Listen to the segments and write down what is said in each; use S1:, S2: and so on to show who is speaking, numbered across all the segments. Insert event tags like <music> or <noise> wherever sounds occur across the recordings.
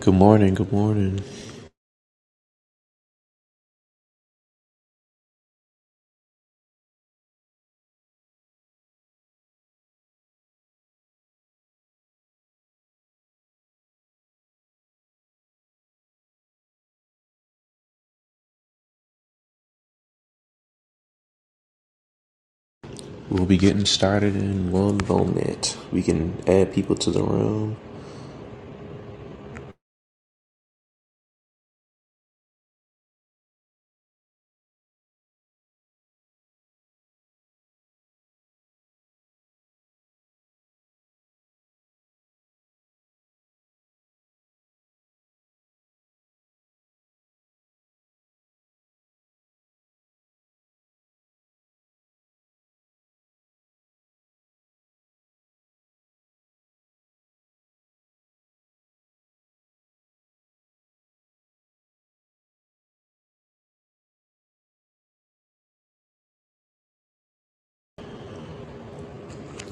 S1: Good morning, good morning. We'll be getting started in one moment. We can add people to the room.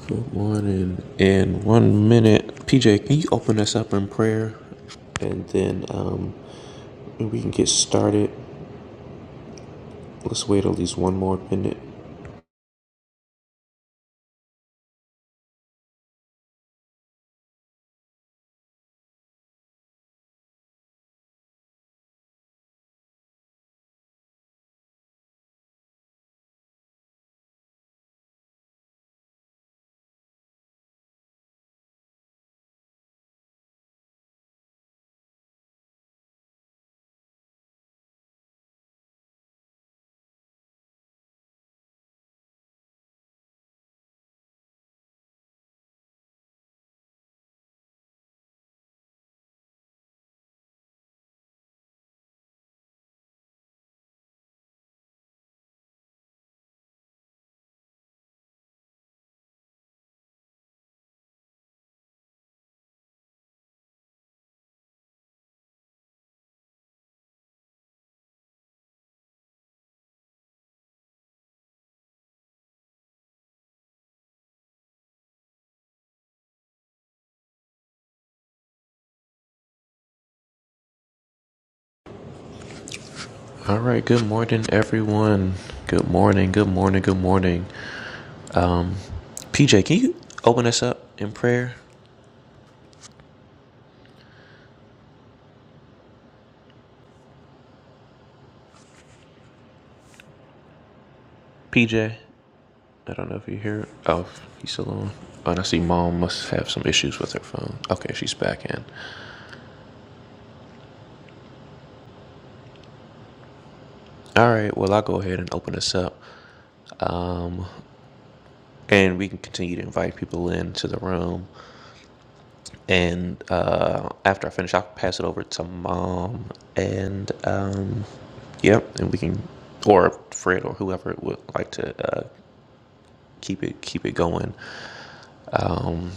S1: Good morning. In one minute, PJ, can you open us up in prayer? And then um, we can get started. Let's wait at least one more minute. All right, good morning, everyone. Good morning, good morning, good morning. PJ, can you open us up in prayer? PJ. I don't know if you hear it. Oh, he's still on. Oh, and I see mom must have some issues with her phone. Okay, she's back in. All right, well, I'll go ahead and open this up and we can continue to invite people into the room. And uh, after I finish, I'll pass it over to mom and, um, yep, and we can, or Fred or whoever would like to uh, keep it keep it going. Um,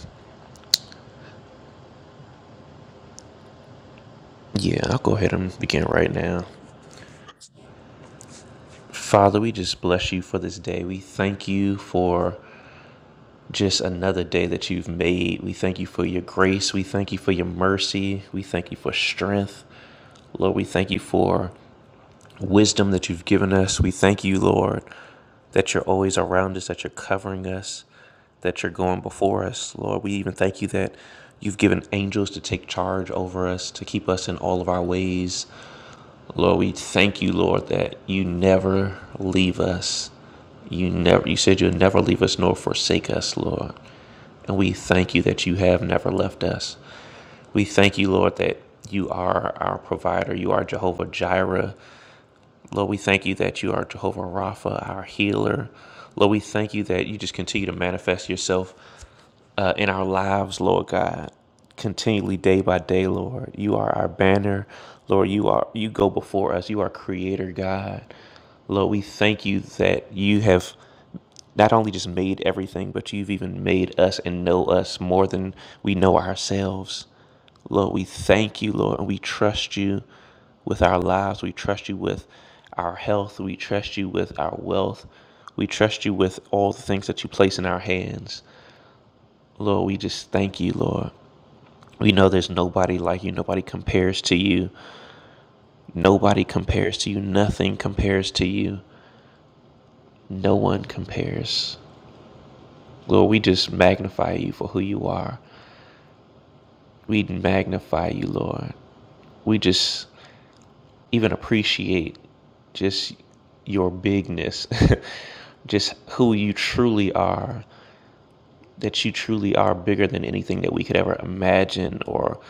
S1: yeah, I'll go ahead and begin right now. Father, we just bless you for this day. We thank you for just another day that you've made. We thank you for your grace. We thank you for your mercy. We thank you for strength. Lord, we thank you for wisdom that you've given us. We thank you, Lord, that you're always around us, that you're covering us, that you're going before us. Lord, we even thank you that you've given angels to take charge over us, to keep us in all of our ways. Lord, we thank you, Lord, that you never leave us. You never you said you'll never leave us nor forsake us, Lord. And we thank you that you have never left us. We thank you, Lord, that you are our provider. You are Jehovah Jireh. Lord, we thank you that you are Jehovah Rapha, our healer. Lord, we thank you that you just continue to manifest yourself uh, in our lives, Lord God, continually day by day, Lord. You are our banner, Lord. You are you go before us. You are Creator God, Lord. We thank you that you have not only just made everything, but you've even made us and know us more than we know ourselves. Lord, we thank you, Lord, and we trust you with our lives. We trust you with our health. We trust you with our wealth. We trust you with all the things that you place in our hands. Lord, we just thank you, Lord. We know there's nobody like you. Nobody compares to you. Nobody compares to you. Nothing compares to you. No one compares. Lord, we just magnify you for who you are. we magnify you, Lord. We just even appreciate just your bigness, <laughs> just who you truly are, that you truly are bigger than anything that we could ever imagine or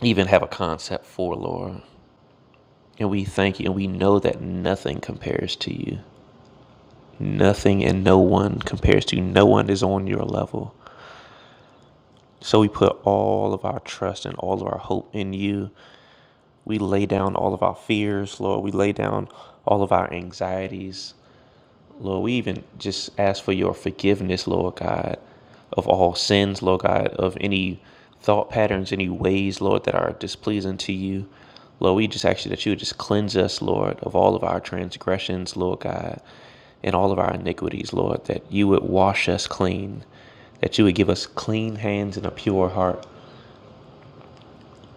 S1: even have a concept for, Lord. And we thank you and we know that nothing compares to you. Nothing and no one compares to you. No one is on your level. So we put all of our trust and all of our hope in you We lay down all of our fears, Lord. We lay down all of our anxieties. Lord, we even just ask for your forgiveness, Lord God, of all sins, Lord God, of any thought patterns, any ways, Lord, that are displeasing to you. Lord, we just ask you that you would just cleanse us, Lord, of all of our transgressions, Lord God, and all of our iniquities, Lord, that you would wash us clean, that you would give us clean hands and a pure heart.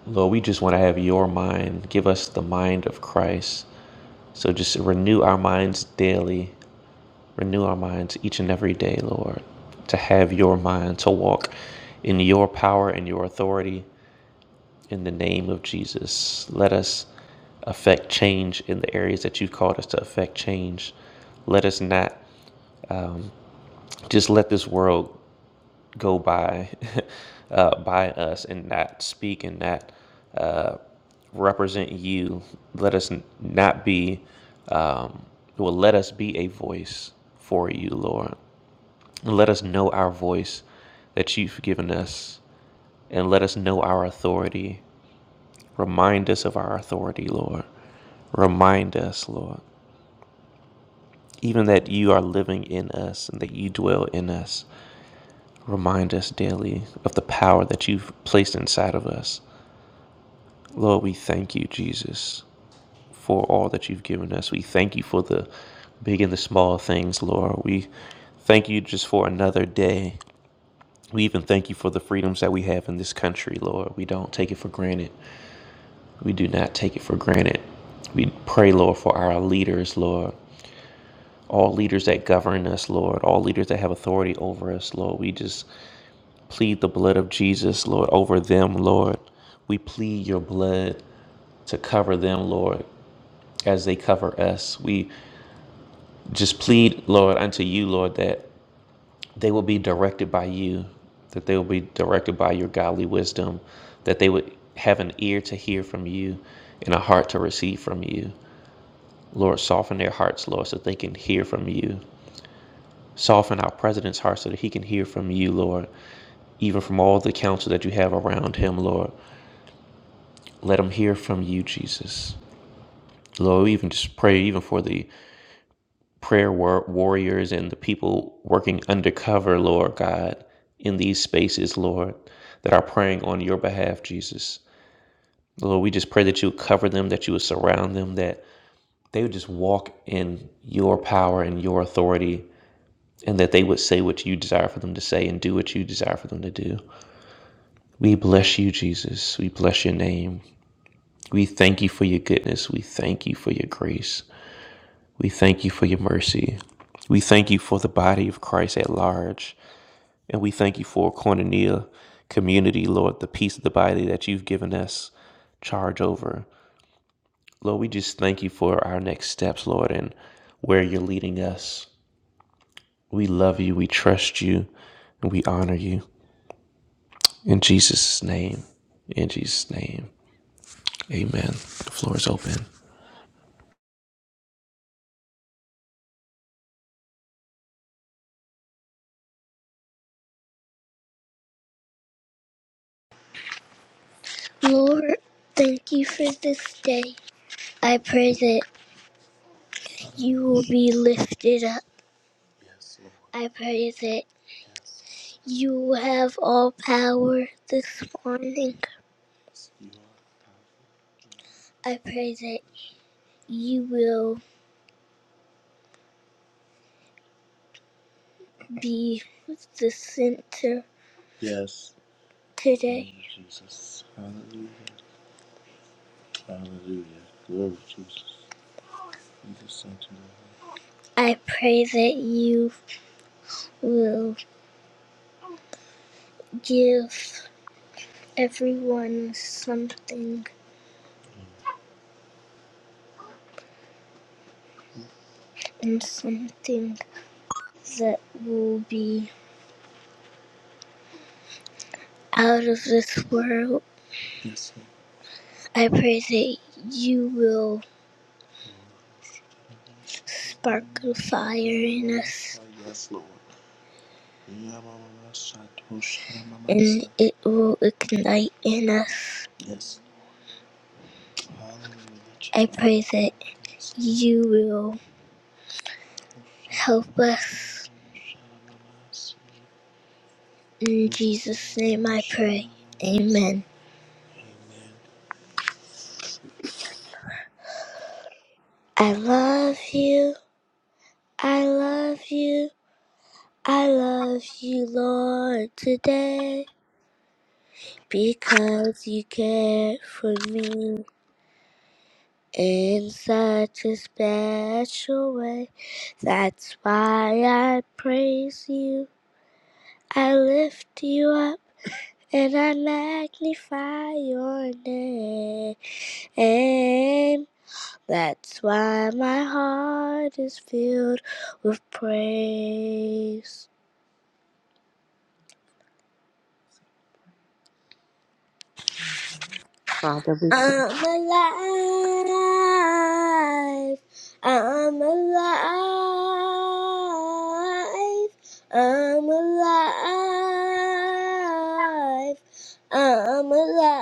S1: Lord, we just want to have your mind. Give us the mind of Christ. So just renew our minds daily, renew our minds each and every day, Lord, to have your mind, to walk in your power and your authority in the name of Jesus. Let us affect change in the areas that you've called us to affect change. Let us not just let this world go by <laughs> uh, by us and not speak and not uh, represent you. Let us not be, um, well, let us be a voice for you, Lord. Let us know our voice that you've given us and let us know our authority. Remind us of our authority, Lord. Remind us, Lord, even that you are living in us and that you dwell in us. Remind us daily of the power that you've placed inside of us. Lord, we thank you, Jesus, for all that you've given us. We thank you for the big and the small things, Lord. We thank you just for another day. We even thank you for the freedoms that we have in this country, Lord. We don't take it for granted. We do not take it for granted. We pray, Lord, for our leaders, Lord. All leaders that govern us, Lord. All leaders that have authority over us, Lord. We just plead the blood of Jesus, Lord, over them, Lord. We plead your blood to cover them, Lord. as they cover us. We just plead, Lord, unto you, Lord, that they will be directed by you, that they will be directed by your godly wisdom, that they would have an ear to hear from you and a heart to receive from you. Lord, soften their hearts, Lord, so that they can hear from you. Soften our president's heart so that he can hear from you, Lord, even from all the counsel that you have around him, Lord. Let him hear from you, Jesus. Lord, we even just pray even for the prayer war- warriors and the people working undercover, Lord God, in these spaces, Lord, that are praying on your behalf, Jesus. Lord, we just pray that you would cover them, that you would surround them, that they would just walk in your power and your authority, and that they would say what you desire for them to say and do what you desire for them to do. We bless you, Jesus. We bless your name. We thank you for your goodness. We thank you for your grace. We thank you for your mercy. We thank you for the body of Christ at large. And we thank you for Cornelia community, Lord, the piece of the body that you've given us charge over. Lord, we just thank you for our next steps, Lord, and where you're leading us. We love you, we trust you, and we honor you. In Jesus' name, in Jesus' name, amen. The floor is open.
S2: Lord, thank you for this day. I pray that you will be lifted up. I pray that you have all power this morning. I pray that you will be the center today. I pray that you will give everyone something and something that will be out of this world. I pray that you will spark a fire in us, and it will ignite in us. I pray that you will help us. In Jesus' name I pray. Amen.
S3: I love you, I love you, I love you, Lord, today because you cared for me in such a special way. That's why I praise you, I lift you up, and I magnify your name. That's why my heart is filled with praise.
S2: I'm alive. I'm alive. I'm alive. I'm alive.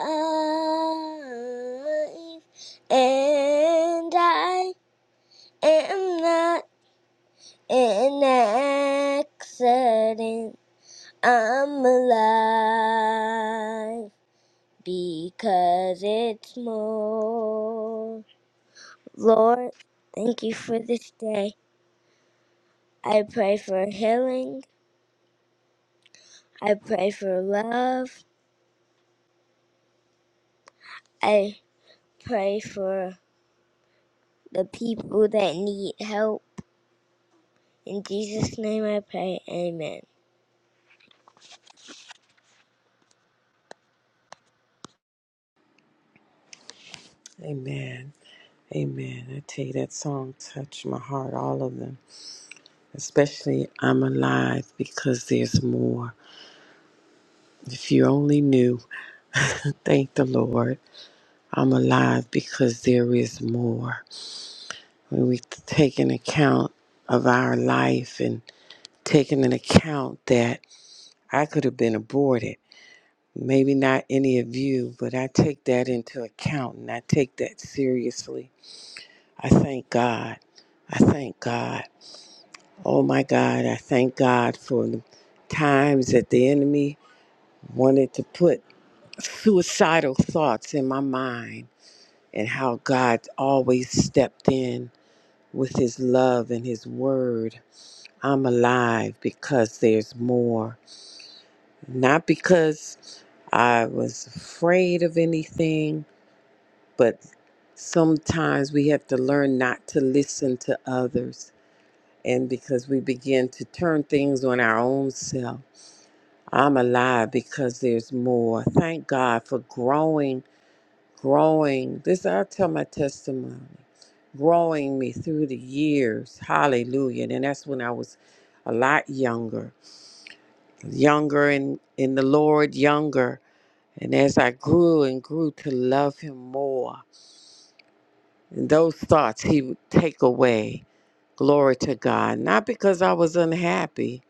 S2: And I am not an accident. I'm alive because it's more. Lord, thank you for this day. I pray for healing. I pray for love. I pray for the people that need help. In Jesus' name I pray. Amen.
S3: Amen. Amen. I tell you, that song touched my heart, all of them, especially I'm Alive because there's more. If you only knew, thank the Lord, I'm alive because there is more. When we take an account of our life and taking an account that I could have been aborted, maybe not any of you, but I take that into account and I take that seriously. I thank God. I thank God. Oh my God, I thank God for the times that the enemy wanted to put suicidal thoughts in my mind and how God always stepped in with his love and his word. I'm alive because there's more. Not because I was afraid of anything, but sometimes we have to learn not to listen to others. And because we begin to turn things on our own self I'm alive because there's more. Thank God for growing, growing. This I tell my testimony, growing me through the years. Hallelujah. And that's when I was a lot younger, younger in, in the Lord, younger. And as I grew and grew to love Him more, and those thoughts He would take away. Glory to God. Not because I was unhappy,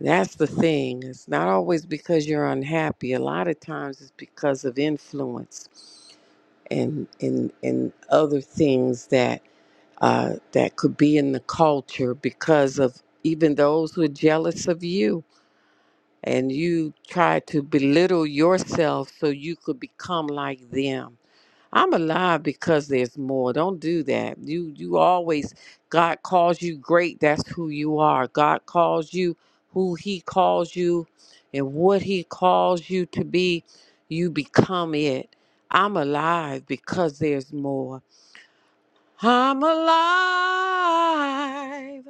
S3: That's the thing. It's not always because you're unhappy. A lot of times it's because of influence and and and other things that uh, that could be in the culture because of even those who are jealous of you and you try to belittle yourself so you could become like them I'm alive because there's more. Don't do that. You you always God calls you great. That's who you are. God calls you who he calls you and what he calls you to be, you become it. I'm alive because there's more. I'm alive.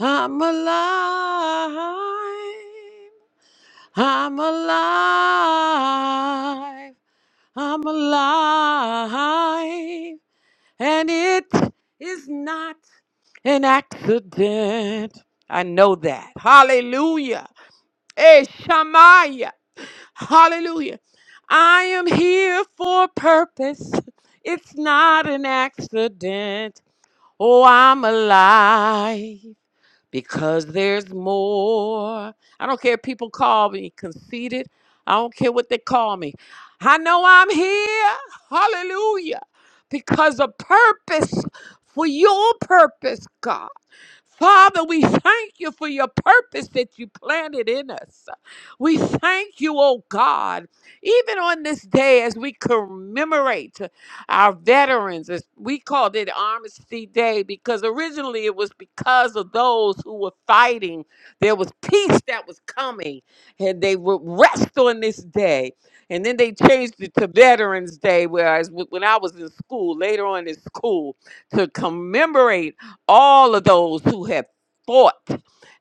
S3: I'm alive. I'm alive. I'm alive. And it is not an accident. I know that. Hallelujah. Hey, Shamaya. Hallelujah. I am here for a purpose. It's not an accident. Oh, I'm alive because there's more. I don't care if people call me conceited. I don't care what they call me. I know I'm here. Hallelujah. Because of purpose, for your purpose, God. Father, we thank you for your purpose that you planted in us. We thank you, oh God, even on this day as we commemorate our veterans. As we called it Armistice Day because originally it was because of those who were fighting. There was peace that was coming, and they would rest on this day. And then they changed it to Veterans Day, whereas w- when I was in school, later on in school, to commemorate all of those who have fought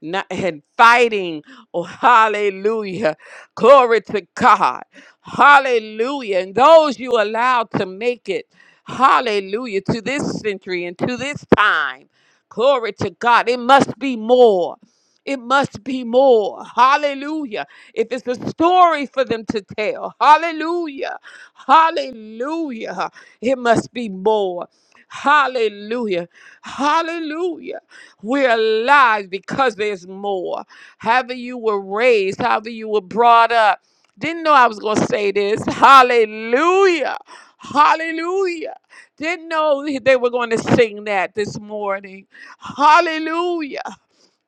S3: not, and fighting. Oh, hallelujah. Glory to God. Hallelujah. And those you allowed to make it. Hallelujah. To this century and to this time. Glory to God. It must be more. It must be more. Hallelujah. If it's a story for them to tell, hallelujah. Hallelujah. It must be more. Hallelujah. Hallelujah. We're alive because there's more. However, you were raised, however, you were brought up. Didn't know I was going to say this. Hallelujah. Hallelujah. Didn't know they were going to sing that this morning. Hallelujah.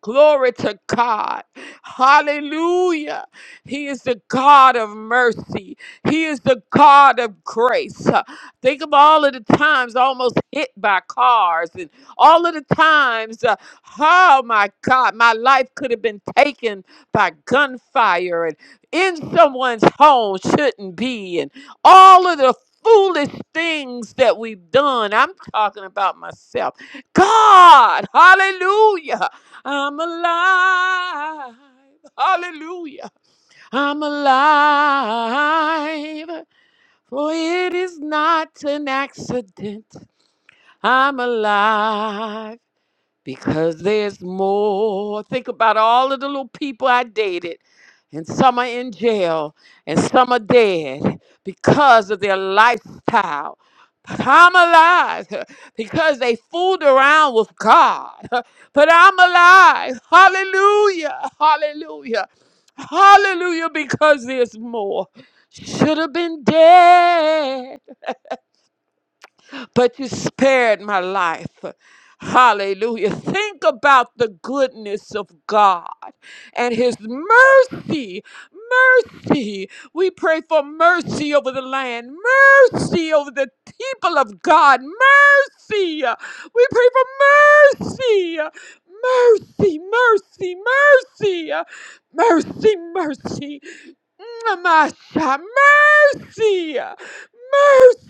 S3: Glory to God. Hallelujah. He is the God of mercy. He is the God of grace. Uh, Think of all of the times almost hit by cars and all of the times, uh, oh my God, my life could have been taken by gunfire and in someone's home shouldn't be and all of the foolish things that we've done. I'm talking about myself. God, hallelujah. I'm alive. Hallelujah. I'm alive. For it is not an accident. I'm alive because there's more. Think about all of the little people I dated, and some are in jail, and some are dead because of their lifestyle. But I'm alive <laughs> because they fooled around with God. <laughs> But I'm alive. Hallelujah. Hallelujah. Hallelujah because there's more. Should have been dead but you spared my life. Hallelujah. Think about the goodness of God and his mercy. Mercy. We pray for mercy over the land, mercy over the people of God. Mercy. We pray for mercy. Mercy, mercy, mercy. Mercy, mercy. Masha, mercy,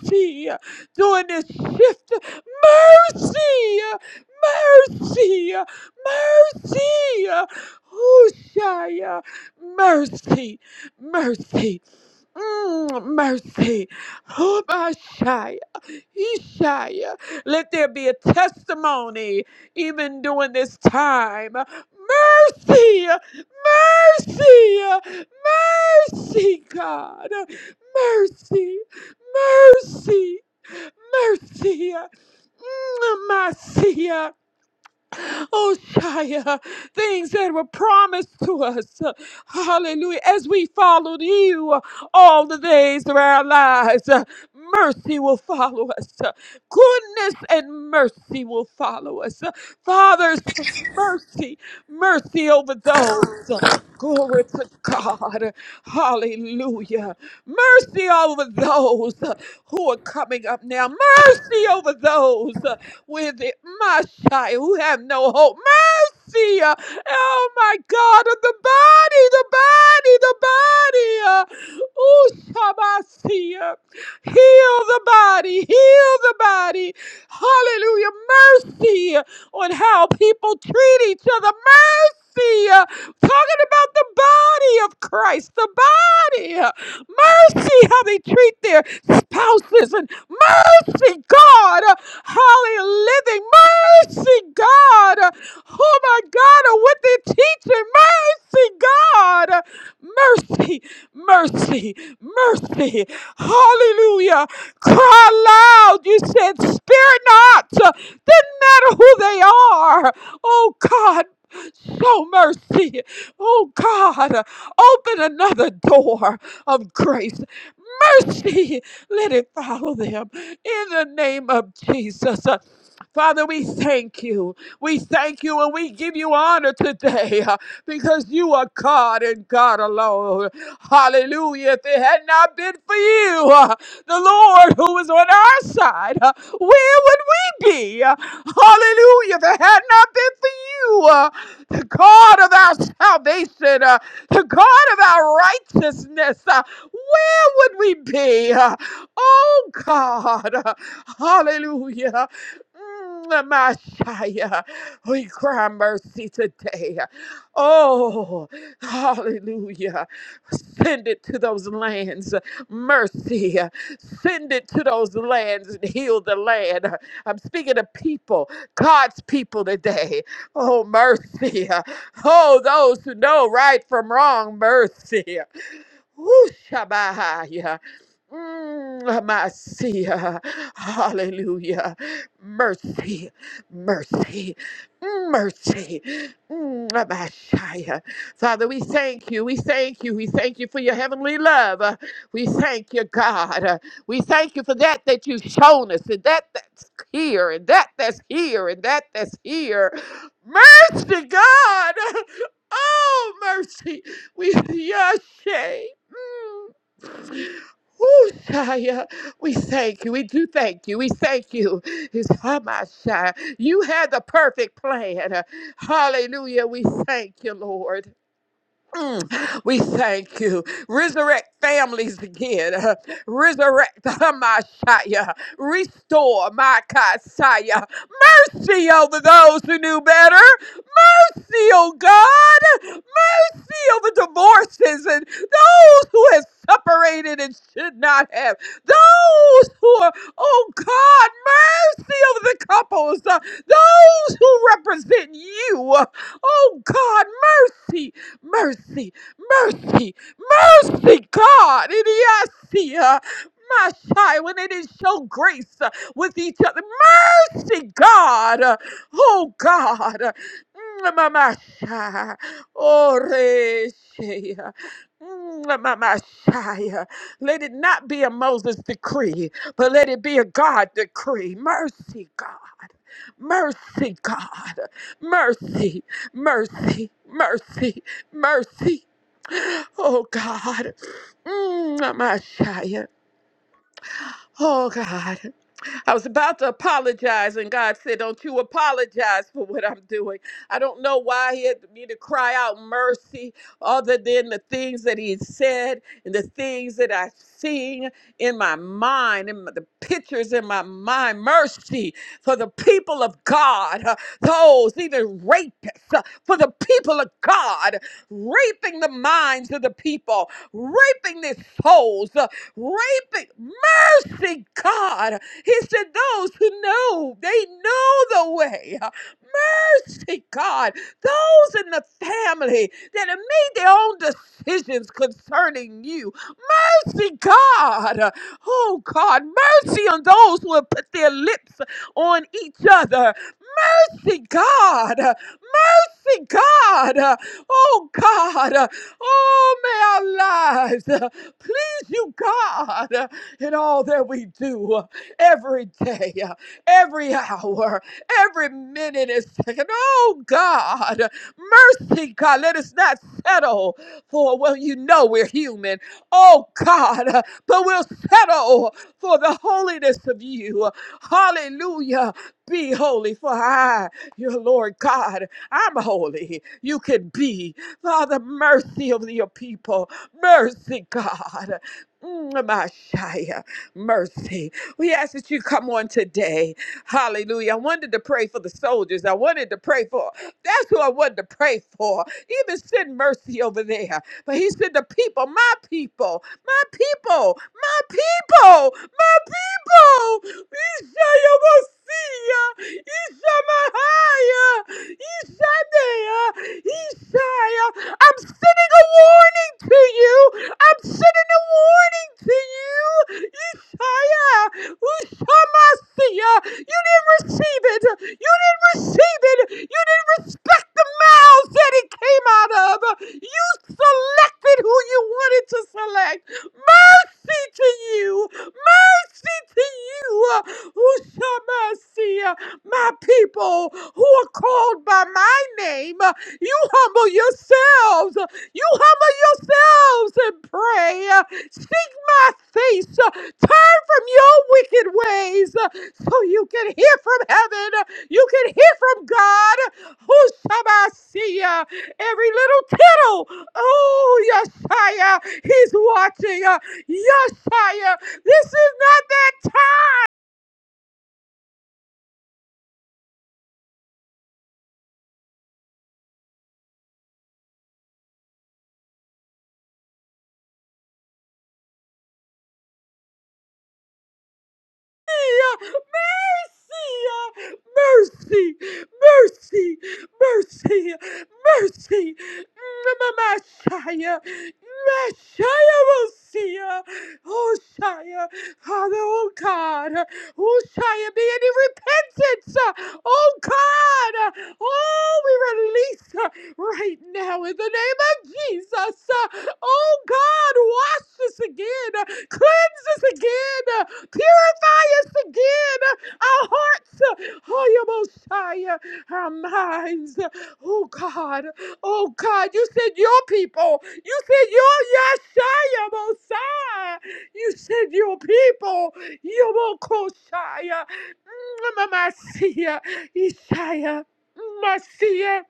S3: mercy during this shift. Mercy, mercy, mercy. Hushaya, mercy, mercy, mm, mercy. Hubashaya, Ishaya. Let there be a testimony even during this time. Mercy, mercy, mercy, God. Mercy, mercy. Mercia, mercia, oh Shia, things that were promised to us. Hallelujah. As we followed you all the days of our lives, mercy will follow us. Goodness and mercy will follow us. Fathers, mercy, mercy over those. Glory to God. Hallelujah. Mercy over those who are coming up now. Mercy over those with it, Mashai, who have no hope. Mercy, uh, oh my God, of the body, the body, the body. Uh, oh, Shabasi, uh, heal the body, heal the body. Hallelujah, mercy uh, on how people treat each other. Mercy, uh, talking about the body of Christ, the body. uh, Mercy, how they treat their spouses and mercy, God. Hallelujah. Living mercy, God. Oh my God, what they're teaching. Mercy, God. Mercy, mercy, mercy. Hallelujah. Cry loud. You said, spare not. Didn't matter who they are. Oh God. Show mercy. Oh God, open another door of grace mercy, <laughs> let it follow them in the name of Jesus. Uh, Father, we thank you. We thank you and we give you honor today uh, because you are God and God alone. Hallelujah. If it had not been for you, uh, the Lord who was on our side, uh, where would we be? Uh, Hallelujah. If it had not been for you, uh, the God of our salvation, uh, the God of our righteousness, uh, would we be? uh, Oh God, uh, hallelujah. Mm, Messiah, we cry mercy today. Oh, hallelujah. Send it to those lands. Mercy. Send it to those lands and heal the land. I'm speaking to people, God's people today. Oh, mercy. Oh, those who know right from wrong, mercy. Whooshabaya. Mm, Masia. Hallelujah. Mercy, mercy, mercy. Mm, Messiah. Father, we thank you. We thank you. We thank you for your heavenly love. Uh, We thank you, God. Uh, We thank you for that that you've shown us, and that that's here, and that that's here, and that that's here. Mercy, God. <laughs> Oh, mercy. We, Yashay. Oh Shia, we thank you. We do thank you. We thank you. It's Hamashah. You had the perfect plan. Hallelujah. We thank you, Lord. Mm, we thank you. Resurrect families again. <laughs> Resurrect <laughs> Hamashah. Restore my Kasiah. Mercy over those who knew better. See, oh God seal the divorces and those who have separated and should not have. Those who are, oh God, mercy over the couples. Uh, those who represent you. Uh, Oh God, mercy, mercy, mercy, mercy, God. And yes, uh, my shy when it is show grace uh, with each other. Mercy, God. Uh, Oh God. Mm, my, my, my shy. Oreshaya. Mm, mamashaya. Let it not be a Moses decree, but let it be a God decree. Mercy, God. Mercy, God. Mercy, mercy, mercy, mercy. Oh, God. Mm, mamashaya. Oh, God. I was about to apologize, and God said, Don't you apologize for what I'm doing. I don't know why He had me to cry out mercy other than the things that He said and the things that I've seen in my mind and the pictures in my mind. Mercy for the people of God, uh, those even rapists, uh, for the people of God, raping the minds of the people, raping their souls, uh, raping mercy, God. He said, Those who know, they know the way. Mercy, God. Those in the family that have made their own decisions concerning you. Mercy, God. Oh, God. Mercy on those who have put their lips on each other. Mercy, God mercy, God. Uh, Oh, God. Uh, Oh, may our lives uh, please you, God, uh, in all that we do uh, every day, uh, every hour, every minute and second. Oh, God. uh, Mercy, God. Let us not settle for, well, you know we're human. Oh, God. uh, But we'll settle for the holiness of you. Hallelujah. Be holy, for I, your Lord God. I'm holy. You can be. Father, mercy of your people. Mercy, God. Mm, Messiah, Mercy. We ask that you come on today. Hallelujah. I wanted to pray for the soldiers. I wanted to pray for. That's who I wanted to pray for. Even send mercy over there. But he said, The people, my people, my people. My people, my people, Isha Yomosia, Isha Mahaya, Isha Nea, Ishaya. I'm sending a warning to you. I'm sending a warning to you. Ishaya, Ushamasia. You didn't receive it. You didn't receive it. You didn't respect the mouths that it came out of. You selected who you wanted to select. Mercy to you! Mercy to you! Ushamasia, my people who are called by my name, you humble yourselves. You humble yourselves and pray. Seek my face. Turn from your wicked ways so you can hear from heaven. You can hear from God. Ushamasia every little tittle. Oh, Yeshaya, he's watching. uh, Yeshaya, this is not that time. mercy, mercy, mercy, mercy, Messiah, Messiah will see ya. Oh, Shia, Father, oh God, oh, Shia, be any repentance, oh God, oh, we release right now in the name of Jesus. Oh God, wash us again, uh, cleanse us again, uh, purify us again, uh, our hearts, uh, oh your Messiah, our minds. uh, Oh God, oh God, you said your people, you said your Yeshua Mosiah, you said your people, your Mosiah, Messiah, Isaiah, Messiah.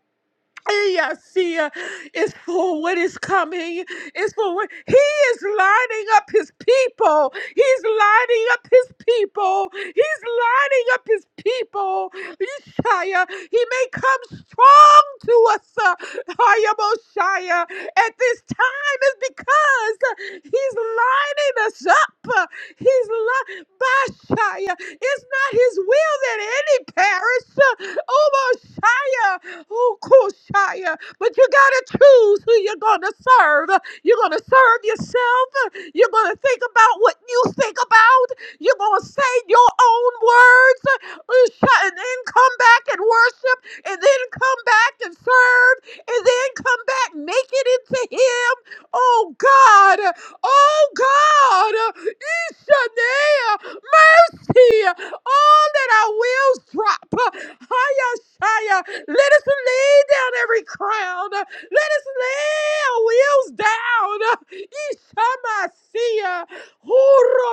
S3: Eyasia is for what is coming. It's for what he is lining up his people. He's lining up his people. He's lining up his people. Yeshaya, he may come strong to us. uh, Hayamoshaya. At this time is because uh, he's lining us up. He's love. Bashaya. It's not his will that any perish. Oh, Bashaya. Oh, Koshaya. But you got to choose who you're going to serve. You're going to serve yourself. You're going to think about what you think about. You're going to say your own words. Usha- And then come back and worship. And then come back and serve. And then come back, make it into him. Oh, God. Oh God, uh, Ishanea, mercy, all that our wheels drop. Hayashaya, let us lay down every crown. Let us lay our wheels down. Ishamasia,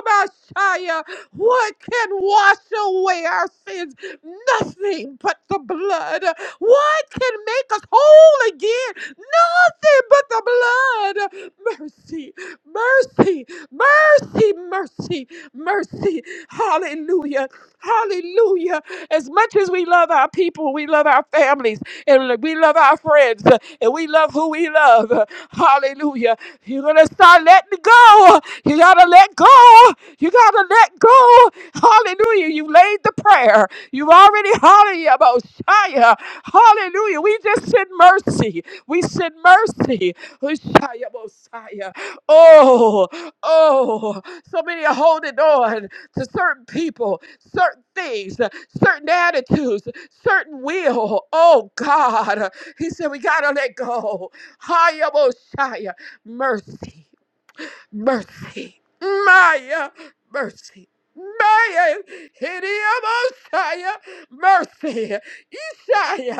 S3: Messiah. What can wash away our sins? Nothing but the blood. What can make us whole again? Nothing but the blood. Mercy, mercy, mercy, mercy, mercy. Hallelujah. Hallelujah. As much as we love our people, we love our families, and we love our friends, uh, and we love who we love. uh, Hallelujah. You're going to start letting go. You got to let go. You got to let go. Hallelujah. You laid the prayer. You've already, hallelujah, Mosiah. Hallelujah. We just send mercy. We send mercy. Mosiah, Mosiah. Oh, oh. So many are holding on to certain people certain things, uh, certain attitudes, certain will. Oh God. uh, He said, we gotta let go. Hayabushaya. Mercy. Mercy. Maya. Mercy. Maya. Hidiyabushaya. Mercy. You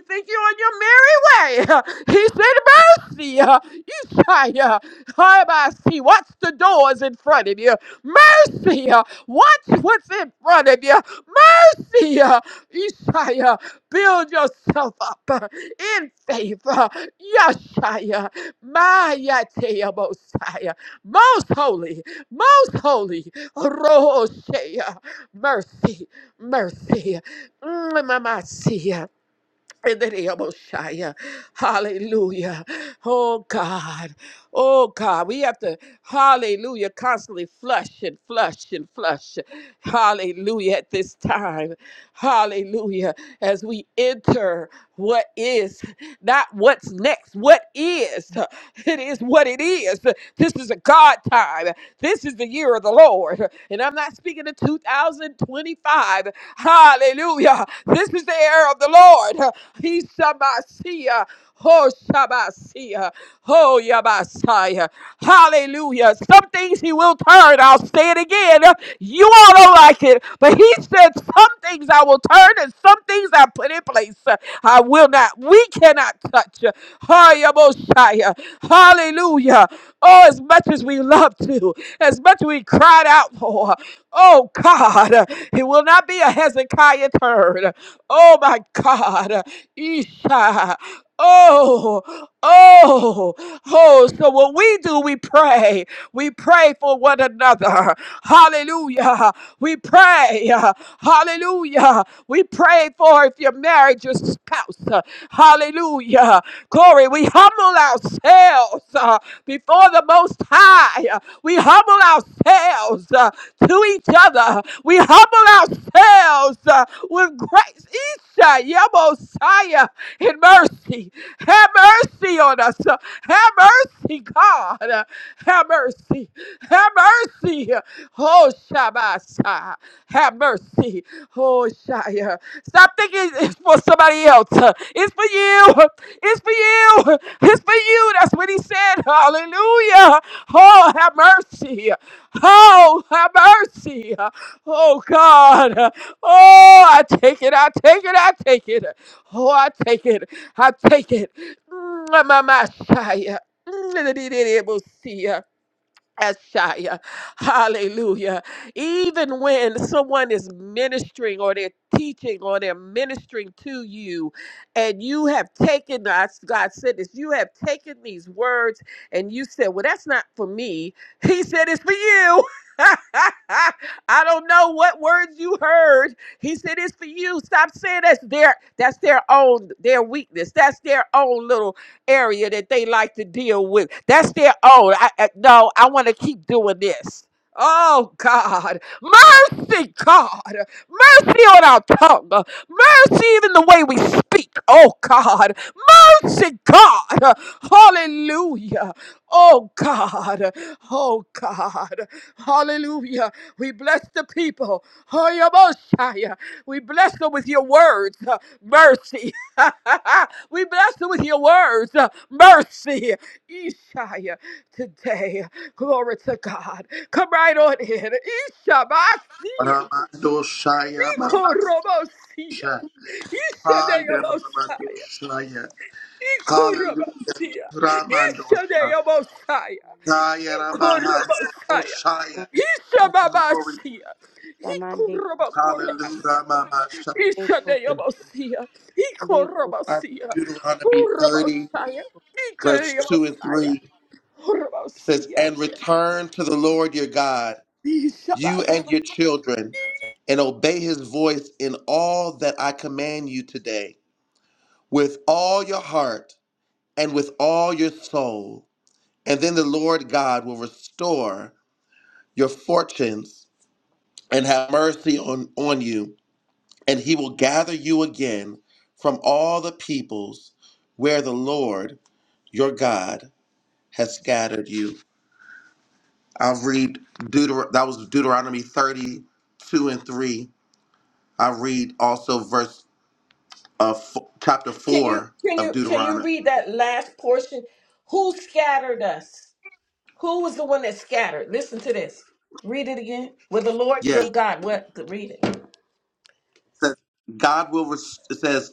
S3: think you're on your merry way. <laughs> He said, Mercy. uh, You say, uh, "Hi, I see. Watch the doors in front of you. Mercy. uh, Watch what's in front of you. Mercy. uh, you Isaiah, build yourself up uh, in faith, favor. Yeshaya, Maya Mosiah, most holy, most holy, Roshaya, mercy, mercy. Mm, Mama, see ya. In the name of Shia. Hallelujah. Oh God. Oh God. We have to, hallelujah, constantly flush and flush and flush. Hallelujah at this time. Hallelujah. As we enter what is, not what's next, what is. It is what it is. This is a God time. This is the year of the Lord. And I'm not speaking of 2025. Hallelujah. This is the year of the Lord. He's Samasia. Oh, Shabbasia. Oh, Yabasaya. Hallelujah. Some things he will turn. I'll say it again. You all don't like it. But he said, Some things I will turn and some things I put in place. I will not, we cannot touch. Oh, Yabosaya. Hallelujah. Oh, as much as we love to, as much as we cried out for. Oh God, it will not be a Hezekiah turn. Oh my God, Isha. Oh, oh, oh. So what we do, we pray. We pray for one another. Hallelujah. We pray. Hallelujah. We pray for if you're married, your spouse. Hallelujah. Glory. We humble ourselves uh, before the Most High. We humble ourselves uh, to each other. We humble ourselves uh, with grace. Isha, Yabosaya in mercy. Have mercy on us. Have mercy, God. Have mercy. Have mercy. Oh, Shabbat. Have mercy. Oh, Shia. Stop thinking it's for somebody else. It's for you. It's for you. It's for you. That's what he said. Hallelujah. Oh, have mercy. Oh, have mercy. Oh, God. Oh, I take it. I take it. I take it. Oh, I take it. I take it. My Messiah. Ashaya. Hallelujah. Even when someone is ministering or they're teaching or they're ministering to you, and you have taken, as God said this, you have taken these words and you said, Well, that's not for me. He said, It's for you. <laughs> I don't know what words you heard. He said it's for you. Stop saying that's their that's their own their weakness. That's their own little area that they like to deal with. That's their own. I, I- no, I want to keep doing this. Oh God, mercy, God, mercy on our tongue, mercy even the way we speak. Oh God, mercy, God, hallelujah. Oh God, oh God, hallelujah. We bless the people, oh your Messiah. We bless them with your words, mercy. <laughs> We bless you with your words, uh, mercy, Ishaya, today. Glory to God. Come right on in. Ishabasia.
S2: Ramadoshaya
S3: Ikorobosia.
S2: Mamasha. Haya
S3: Ishadeobosaya.
S2: Ramadoshaya. Hallelujah.
S3: Ikorobosia.
S2: Ramandosha.
S3: Ishadeobosaya.
S2: Haya Ramahaso
S3: Ikorobosia.
S2: Oshaya.
S4: Lamande kaba,
S2: Glory.
S3: Ishababasia.
S4: lamande kuk,
S2: Hallelujah.
S3: Ikorobokorobasi.
S2: Ramamasha.
S4: lamande kuk,
S2: And
S3: Ishadeobosia.
S4: lamande kuk,
S3: Ikorobosia.
S2: Deuteronomy 30,
S3: Urobosaya.
S2: verse 2 and
S3: Ikorobosia.
S2: 3. It says, and return to the Lord your God, you and your children, and obey his voice in all that I command you today, with all your heart and with all your soul. And then the Lord God will restore your fortunes and have mercy on, on you, and he will gather you again from all the peoples where the Lord your God has scattered you. I'll read Deuter that was Deuteronomy 32 and 3. I read also verse uh, f- chapter
S3: Can you
S2: 4
S3: can
S2: of
S3: you can you
S2: Deuteronomy.
S3: read that last portion? Who scattered us? Who was the one that scattered? Listen to this. Read it again. With the Lord
S2: Yes,
S3: your
S2: it
S3: God. What read it?
S2: says God will res- it says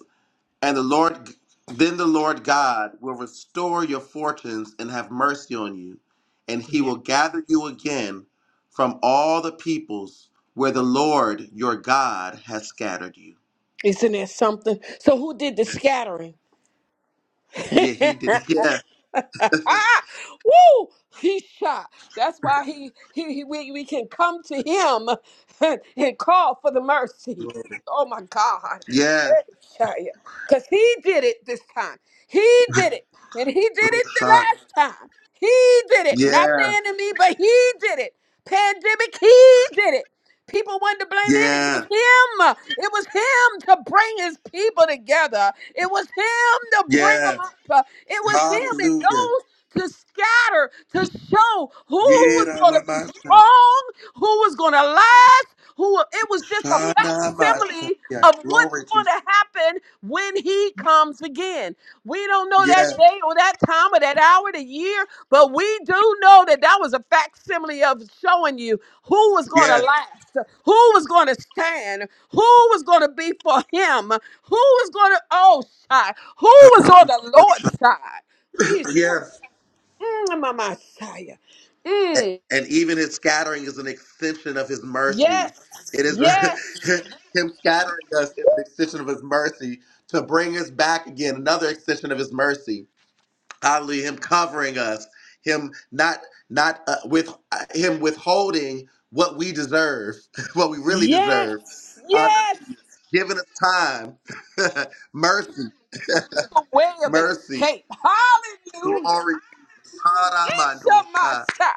S2: and the Lord then the Lord God will restore your fortunes and have mercy on you, and he
S3: Yeah.
S2: will gather you again from all the peoples where the Lord your God has scattered you.
S3: Isn't that something? So who did the scattering?
S2: Yeah, he did.
S3: <laughs>
S2: <laughs> Yeah,
S3: <laughs> Woo! He shot. That's why he, he, he we, we can come to him <laughs> and, and call for the mercy. Oh my God.
S2: Yeah.
S3: Because he did it this time. He did it. And he did
S2: Lord
S3: it the
S2: God.
S3: last time. He did it.
S2: Yeah. Real
S3: Not
S2: shot.
S3: the enemy, but he did it. Pandemic, he did it. People wanted to blame it. It was
S2: Yeah,
S3: him. It was him to bring his people together. It was him to bring them
S2: yeah.
S3: up. It was him and
S2: Hallelujah.
S3: those to scatter, to show who
S2: Yeah,
S3: was going to be
S2: Ramabasa.
S3: strong, who was going to last, who it was just a
S2: Shanabasa.
S3: facsimile
S2: Yeah,
S3: of what's
S2: glory to
S3: going
S2: you.
S3: to happen when he comes again. We don't know
S2: Yeah,
S3: that day or that time or that hour, the year, but we do know that that was a facsimile of showing you who was going to
S2: yeah,
S3: last? Who was going to stand? Who was going to be for him? Who was going to, oh, side? Who was
S2: Um,
S3: on the Lord's side? East,
S2: yeah.
S3: mm, my Messiah. Mm.
S2: And even his scattering is an extension of his
S3: Yes,
S2: mercy. It is
S3: yes,
S2: <laughs> him scattering us is an extension of his mercy to bring us back again, another extension of his mercy. Hallelujah. Him covering us, him not not uh, with uh, him withholding what we deserve, <laughs> what we really deserve.
S3: yes, yes.
S2: giving us time. <laughs> mercy, <laughs>
S3: A way of
S2: mercy,
S3: escape. Hallelujah.
S2: glory,
S3: East of my
S2: Haramandosha.
S3: side.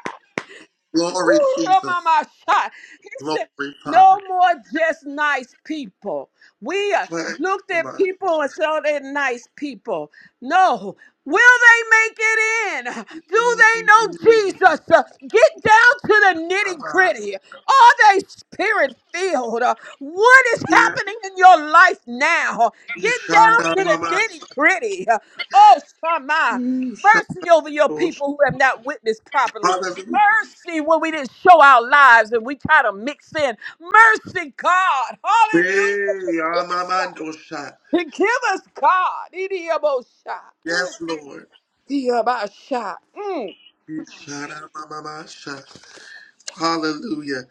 S2: glory,
S3: Ooh,
S2: Jesus,
S3: mama! Shai. He
S2: glory,
S3: said,
S2: Father.
S3: no more just nice people. We uh,
S2: Praise
S3: looked
S2: the
S3: at
S2: Lord.
S3: people and said, oh, they're nice people. No. Will they make it in? Do they know
S2: Mm,
S3: Jesus? Uh, Get down to the nitty
S2: Baba,
S3: gritty. Are they spirit filled? Uh, What is
S2: yeah,
S3: happening in your life now? Get
S2: Ishanda,
S3: down to the
S2: Baba,
S3: nitty gritty. Oh, Shama,
S2: mm,
S3: mercy over your
S2: Shandos.
S3: people who have not witnessed properly.
S2: Father, hey,
S3: Mercy when we didn't show our lives and we try to mix in. Mercy, God. Hallelujah.
S2: Amamandosha.
S3: Forgive us, God. Forgive us, God. Idiabosha. Mm.
S2: yes, Lord.
S3: Diabasha. Mm.
S2: Ishanda, Baba, Sha. Hallelujah.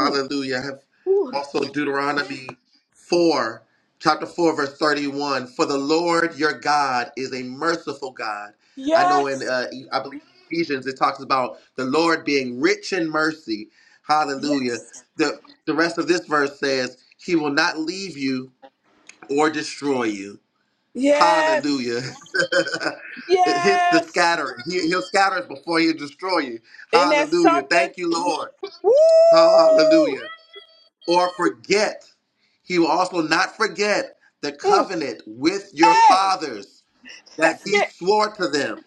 S3: Ooh.
S2: I have
S3: Ooh.
S2: also Deuteronomy 4, chapter 4, verse 31. For the Lord your God is a merciful God. I know in,
S3: Yes.
S2: uh, E, I believe Ephesians, it talks about the Lord being rich in mercy. Hallelujah.
S3: Yes.
S2: The, the rest of this verse says, He will not leave you or destroy you. Hallelujah. <laughs>
S3: Yes.
S2: it hits the
S3: Yes.
S2: scatter. He, he'll scatter us before he'll destroy you.
S3: And that's
S2: Hallelujah.
S3: something.
S2: Thank you, Lord.
S3: Woo!
S2: Hallelujah or forget. He will also not forget the
S3: Mm.
S2: covenant with your
S3: Hey!
S2: fathers that
S3: That's
S2: he
S3: it.
S2: swore to them.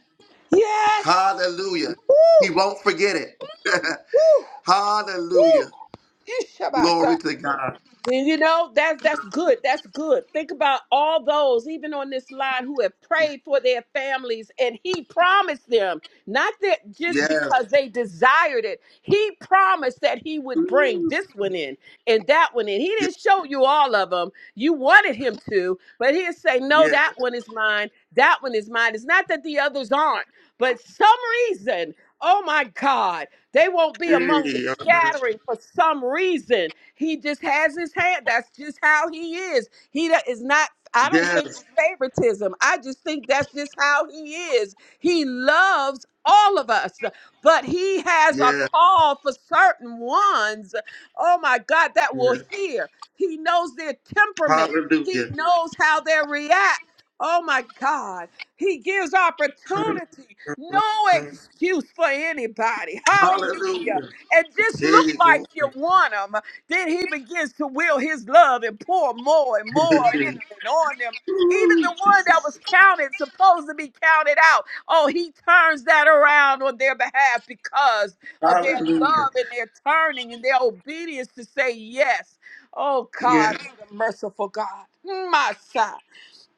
S3: Yes!
S2: Hallelujah. He
S3: Woo!
S2: won't forget it. <laughs>
S3: Woo!
S2: Hallelujah.
S3: Woo! Ishabasa.
S2: Glory to God.
S3: And you know, that's that's good. That's good. Think about all those, even on this line, who have prayed for their families, and he promised them, not that just
S2: Yes.
S3: because they desired it, he promised that he would bring this one in and that one in. He
S2: Yes.
S3: didn't show you all of them. You wanted him to, but he'd say, No,
S2: Yes.
S3: that one is mine, that one is mine. It's not that the others aren't, but some reason, oh my God, they won't be among the
S2: Hey, amen.
S3: scattering for some reason. He just has his hand. That's just how he is. He do- is not. I don't think
S2: Yes.
S3: it's favoritism. I just think that's just how he is. He loves all of us, but he has a
S2: Yes.
S3: call for certain ones. Oh my God, that will
S2: yes.
S3: hear. He knows their temperament. He
S2: Hallelujah.
S3: knows how they react. Oh my God. He gives opportunity, no excuse for anybody. Hallelujah.
S2: Hallelujah.
S3: And just look
S2: Hey,
S3: like
S2: glory.
S3: you want 'em. Then he begins to will his love and pour more and more in them
S2: <laughs>
S3: and on them. Even
S2: Ooh,
S3: the one that was
S2: Jesus.
S3: counted, supposed to be counted out, oh, he turns that around on their behalf because of their
S2: Hallelujah.
S3: love and their turning and their obedience to say yes. Oh, God,
S2: Yes.
S3: you're the merciful God. Mm, My son.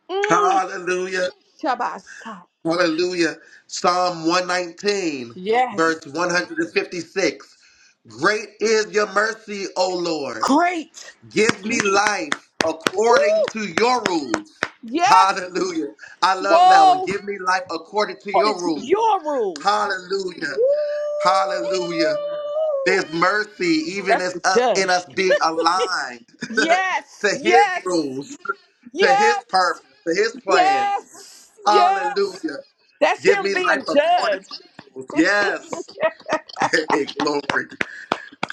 S3: Mm,
S2: Hallelujah.
S3: Shabasa.
S2: Hallelujah. Psalm 119,
S3: Yes.
S2: verse 156. Great is your mercy, O Lord.
S3: Great.
S2: Give me life
S3: Woo.
S2: according to your rules.
S3: Yes.
S2: Hallelujah. I love that one.
S3: Whoa.
S2: Give me life according to
S3: According
S2: your
S3: to
S2: rules.
S3: your rule.
S2: Hallelujah.
S3: Woo!
S2: Hallelujah. There's mercy even
S3: That's
S2: as
S3: the
S2: uh, in
S3: judge.
S2: us being aligned <laughs>
S3: Yes,
S2: to his
S3: yes,
S2: rules, to his
S3: yes,
S2: purpose, to his plans.
S3: yes, yes.
S2: Hallelujah.
S3: That's
S2: Give
S3: him
S2: me
S3: being
S2: life according
S3: judged.
S2: to your rules. Yes. <laughs> Hey, glory.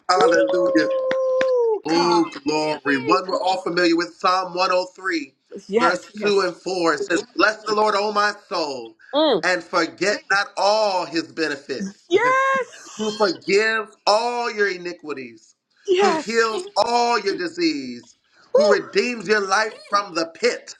S2: Hallelujah.
S3: Woo! God.
S2: Oh, glory. One we're all familiar with Psalm 103,
S3: Yes,
S2: verse 2
S3: yes.
S2: and 4. It says, Bless the Lord, O my soul,
S3: Mm.
S2: and forget not all his benefits. <laughs> who
S3: Yes,
S2: forgives all your iniquities, who
S3: yes.
S2: heals all your disease,
S3: Woo!
S2: who redeems your life from the pit.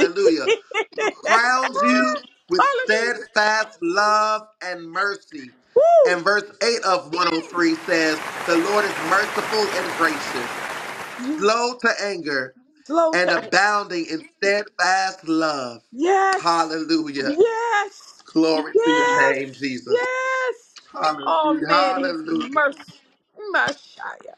S3: <laughs>
S2: Who crowns you with
S3: Hallelujah.
S2: steadfast love and mercy.
S3: Woo!
S2: And verse 8 of 103 says, The Lord is merciful and gracious,
S3: Yes,
S2: slow to anger,
S3: Slow
S2: and
S3: time.
S2: abounding in steadfast love.
S3: Yes.
S2: Hallelujah.
S3: Yes,
S2: Glory to your
S3: yes,
S2: name, Jesus.
S3: yes. Oh
S2: Hallelujah.
S3: man, his
S2: Hallelujah.
S3: mercy, Messiah.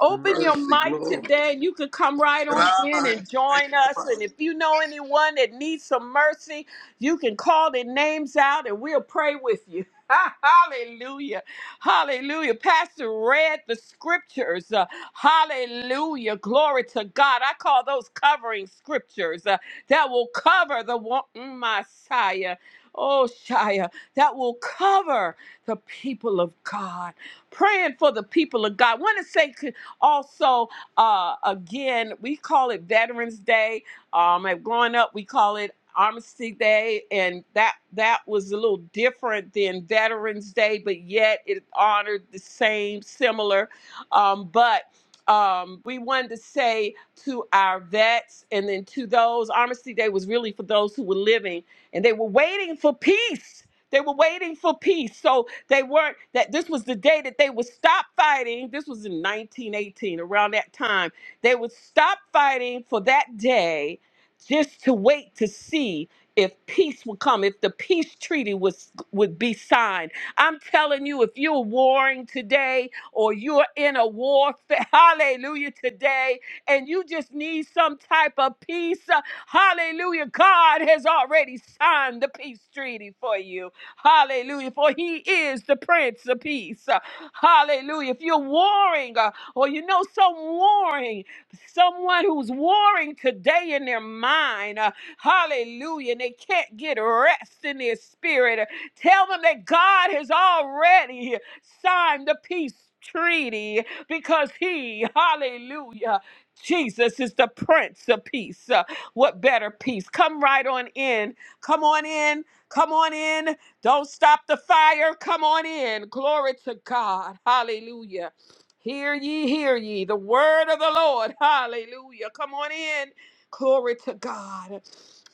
S3: Open your
S2: Mercy,
S3: mic
S2: glory.
S3: today and you can come right on in and join us. And if you know anyone that needs some mercy, you can call their names out and we'll pray with you. <laughs> hallelujah. Hallelujah. Pastor read the scriptures. Uh, hallelujah. Glory to God. I call those covering scriptures uh, that will cover the one, mm, Messiah. Oh, Shia, that will cover the people of God praying for the people of God. want to say also, uh, again, we call it Veterans Day. Um, and growing up, we call it Armistice Day, and that that was a little different than Veterans Day, but yet it honored the same, similar. Um, but um, we wanted to say to our vets, and then to those, Armistice Day was really for those who were living, and they were waiting for peace. They were waiting for peace. So they weren't that this was the day that they would stop fighting. This was in 1918, around that time. They would stop fighting for that day just to wait to see if peace would come, if the peace treaty was would be signed. I'm telling you, if you're warring today or you're in a war, <laughs> hallelujah, today, and you just need some type of peace, uh, hallelujah, God has already signed the peace treaty for you. Hallelujah. For he is the Prince of Peace. Uh, Hallelujah. If you're warring, uh, or you know some warring, someone who's warring today in their mind, uh, hallelujah, and they can't get rest in their spirit, uh, tell them that God has already signed the peace treaty because he, hallelujah, Jesus is the Prince of Peace. Uh, what better peace? Come right on in. Come on in. Come on in. Don't stop the fire. Come on in. Glory to God. Hallelujah. Hear ye, hear ye. The word of the Lord. Hallelujah. Come on in. Glory to God.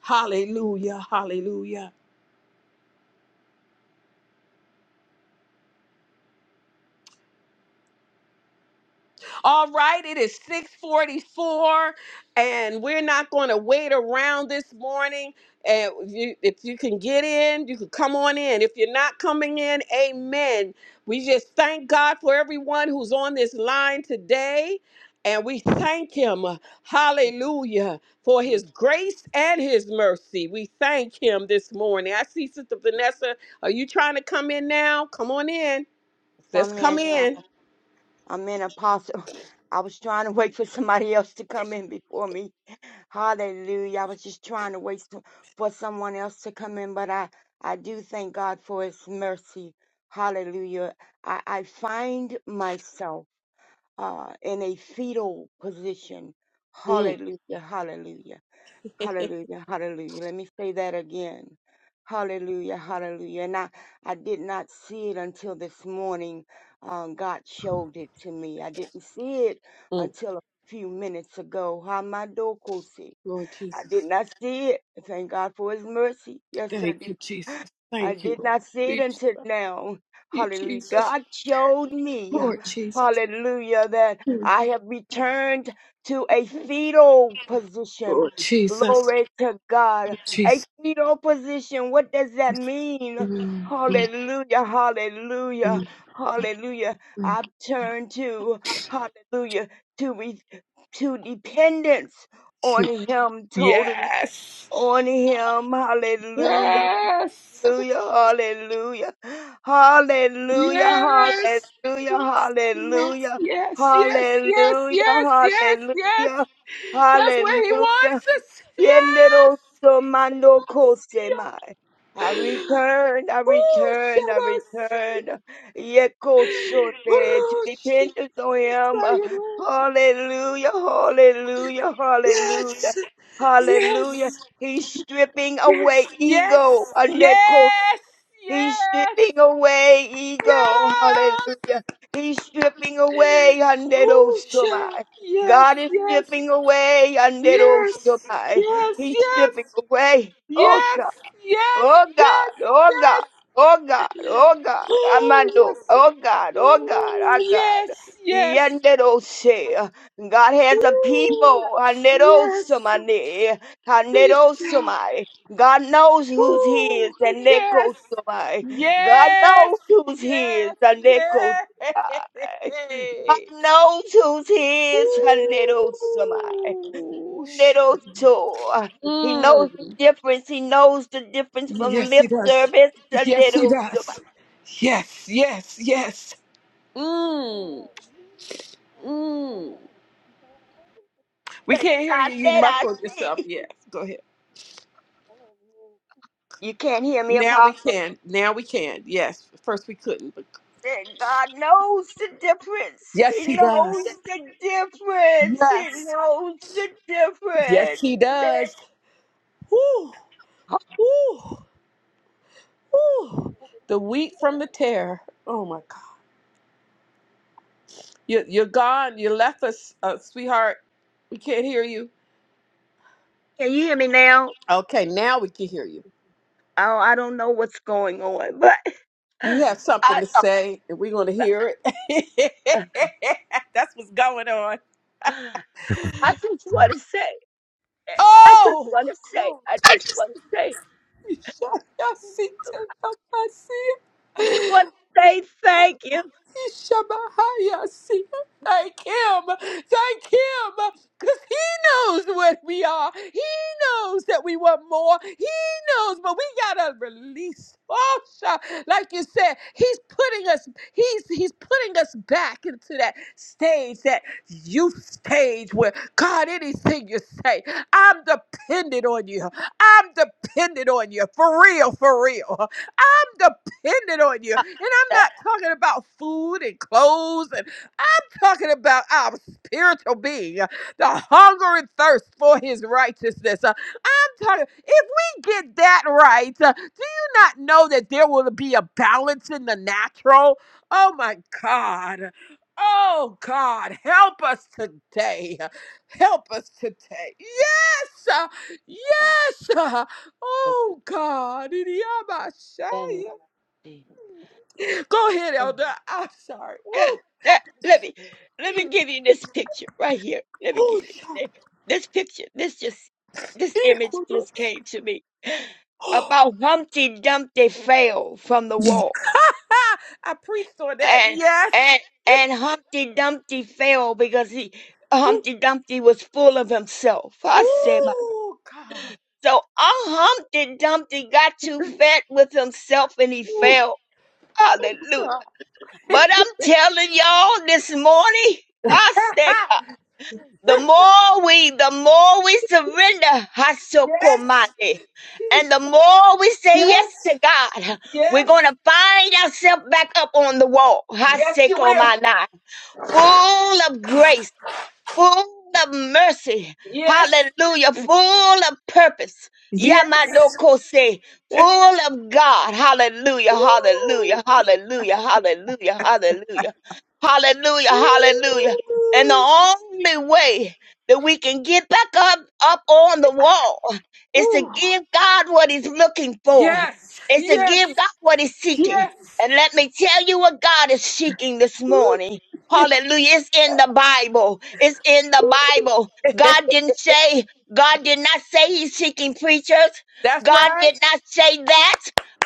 S3: Hallelujah. Hallelujah. All right, it is 644, and we're not going to wait around this morning. And if you, if you can get in, you can come on in. If you're not coming in, amen. We just thank God for everyone who's on this line today. And we thank him,
S4: lamande kuk.
S3: hallelujah, for
S4: And
S3: his grace and his mercy. We thank him this morning. I see Sister Vanessa. Are you trying to come in now? Come on in. Let's
S4: Some men,
S3: come
S4: uh,
S3: in.
S4: I'm an apostle. <laughs> I was trying to wait for somebody else to come in before me. Hallelujah. I was just trying to wait for for someone else to come in, but I, I do thank God for his mercy. Hallelujah. I, I find myself uh, in a fetal position.
S3: Mm,
S4: Hallelujah. Hallelujah. Hallelujah, hallelujah. Let me say that again. Hallelujah, hallelujah. And I, I did not see it until this morning. Um, God showed it to me. I didn't see it
S3: mm.
S4: until a few minutes ago. Hamadokosi.
S3: Lord Jesus.
S4: I did not see it. Thank God for his mercy. Yes, I do.
S3: Thank you, Jesus.
S4: I
S3: Thank you,
S4: did
S3: Lord.
S4: not see it
S3: We
S4: until
S3: love
S4: now.
S3: you,
S4: Hallelujah.
S3: Jesus.
S4: God showed me,
S3: Lord Jesus.
S4: hallelujah, that I have returned to a fetal position.
S3: Lord Jesus.
S4: Glory to God. A
S3: Jesus.
S4: fetal position. What does that mean?
S3: Mm, mm,
S4: Hallelujah, hallelujah,
S3: mm,
S4: hallelujah.
S3: mm.
S4: I've turned to, hallelujah, to, re- to dependence on
S3: mm.
S4: Him totally
S3: Yes.
S4: on him. Hallelujah.
S3: Yes.
S4: Hallelujah, hallelujah, hallelujah,
S3: Yes. Yes. Yes. Yes.
S4: hallelujah,
S3: Yes. Yes.
S4: hallelujah,
S3: Yes. Yes.
S4: hallelujah,
S3: Yes.
S4: hallelujah,
S3: That's where he
S4: hallelujah,
S3: wants us. Yes.
S4: Yendero mando kosemai. I
S3: Shabbat.
S4: returned, I
S3: Oh,
S4: returned, I
S3: Ooh,
S4: returned. Yekosote to
S3: Oroshi,
S4: dependence on him. Hallelujah, hallelujah, hallelujah,
S3: Yes,
S4: hallelujah.
S3: yes,
S4: He's stripping away
S3: yes,
S4: ego.
S3: yes, yes, yes,
S4: He's stripping away ego.
S3: yes.
S4: Hallelujah. He's stripping away
S3: Usha,
S4: underosomai.
S3: yes,
S4: God is
S3: yes,
S4: stripping away
S3: yes, yes,
S4: underosomai. He's stripping away.
S3: yes,
S4: Oh God.
S3: yes, yes,
S4: Oh
S3: yes,
S4: God, oh God,
S3: yes.
S4: oh God, oh God,
S3: Oh,
S4: Amando,
S3: yes,
S4: oh God, oh God,
S3: Ooh,
S4: oh God.
S3: yes, yes.
S4: Yenderose, God has a
S3: Ooh,
S4: people,
S3: yes,
S4: Hanerosomane,
S3: Usha,
S4: Hanerosomai. God knows who's his,
S3: Woo!
S4: and
S3: Yes,
S4: Nekosomai. God
S3: yes,
S4: knows who's his,
S3: yes,
S4: and Nekosomai.
S3: yes.
S4: God knows who's his,
S3: Woo!
S4: Hanerosomai little tool. He knows the
S3: Mm.
S4: difference. He knows the difference from
S3: Yes, he
S4: lip
S3: does.
S4: service to
S3: Yes, he
S4: little tool.
S3: does. Yes, yes, yes. Mm. Mm. We
S4: But
S3: can't hear
S4: I
S3: you. You
S4: said I
S3: muffled yourself.
S4: see.
S3: Yes, go ahead.
S4: You can't hear me,
S3: Now we
S4: Apostle.
S3: can. Now we can. Yes. First we couldn't, but
S4: Said God knows the difference.
S3: yes,
S4: He
S3: he does.
S4: knows the difference. He
S3: Yes.
S4: knows the
S3: Yes,
S4: difference.
S3: he does. Woo. Woo, woo. The wheat from the tear. Oh my God. You, you're gone. You left us, uh, sweetheart. We can't hear you.
S4: Can you hear me now?
S3: Okay, now we can hear you.
S4: Oh, I don't know what's going on, but
S3: You
S4: <laughs>
S3: have something to
S4: I,
S3: say, and we're going to hear it.
S4: I
S3: <laughs> That's what's going on.
S4: just want to say, I just
S3: Oh,
S4: want to say,
S3: glory.
S4: I just want to say,
S3: <laughs> Y'all see, take up my sin.
S4: God, say thank you.
S3: Shabahayasi. Thank him. Thank him. Because he knows what we are. He knows that we want more. He knows, but we gotta release. Oh, sha- like you said, he's putting us, he's he's putting us back into that stage, that youth stage where God, anything you say, I'm dependent on you. I'm dependent on you. For real, for real dependent on you. And I'm
S4: That-
S3: not talking about food and clothes and talking about our spiritual being, uh, the hunger and thirst for his righteousness. Uh, I'm talking, if we get that right, uh, do you not know that there will be a balance in the natural? Oh my God. Oh God, help us today. Help us today. Yes. uh, Yes. uh, Oh God. <laughs> Go ahead, Elder. I'm sorry. Woo.
S4: let me let me give you this picture right here. Let me
S3: Oh,
S4: give you
S3: yeah.
S4: thi- this picture. This just this image just
S3: Equinox.
S4: came to me
S3: Oh, <gasps>
S4: about Humpty Dumpty fell from the wall.
S3: Ah, I preached on that.
S4: and
S3: Yes.
S4: and and Humpty Dumpty fell because he
S3: Ooh,
S4: Humpty Dumpty was full of himself. I said, my-
S3: ooh, God.
S4: so our Humpty Dumpty got too fat with himself and he
S3: Ooh,
S4: fell.
S3: ooh,
S4: Hallelujah!
S3: God.
S4: But I'm telling y'all this morning, I said. The more we, the more we surrender,
S3: <laughs> yes.
S4: Hasokomande, and the more we say yes
S3: Yes.
S4: to God, we're
S3: Yes.
S4: going to find ourselves back up on the wall,
S3: Yes, you will.
S4: Hasekomana, full of grace full of mercy.
S3: Yes.
S4: Hallelujah. Full of purpose.
S3: Yes.
S4: Yamadokose. Full of God. Hallelujah.
S3: Ooh,
S4: Hallelujah. Hallelujah. Hallelujah. Hallelujah. Hallelujah. Hallelujah. And the
S3: ooh,
S4: only way that we can get back up, up on the wall is to
S3: ooh.
S4: give God what he's looking for.
S3: Yes.
S4: Is to
S3: Yes.
S4: give God what he's seeking.
S3: Yes.
S4: And let me tell you what God is seeking this
S3: Ooh.
S4: morning.
S3: <laughs>
S4: Hallelujah. It's in the Bible. It's in the Bible. God didn't say, God did not say he's seeking preachers.
S3: That's
S4: God
S3: right.
S4: did not say that.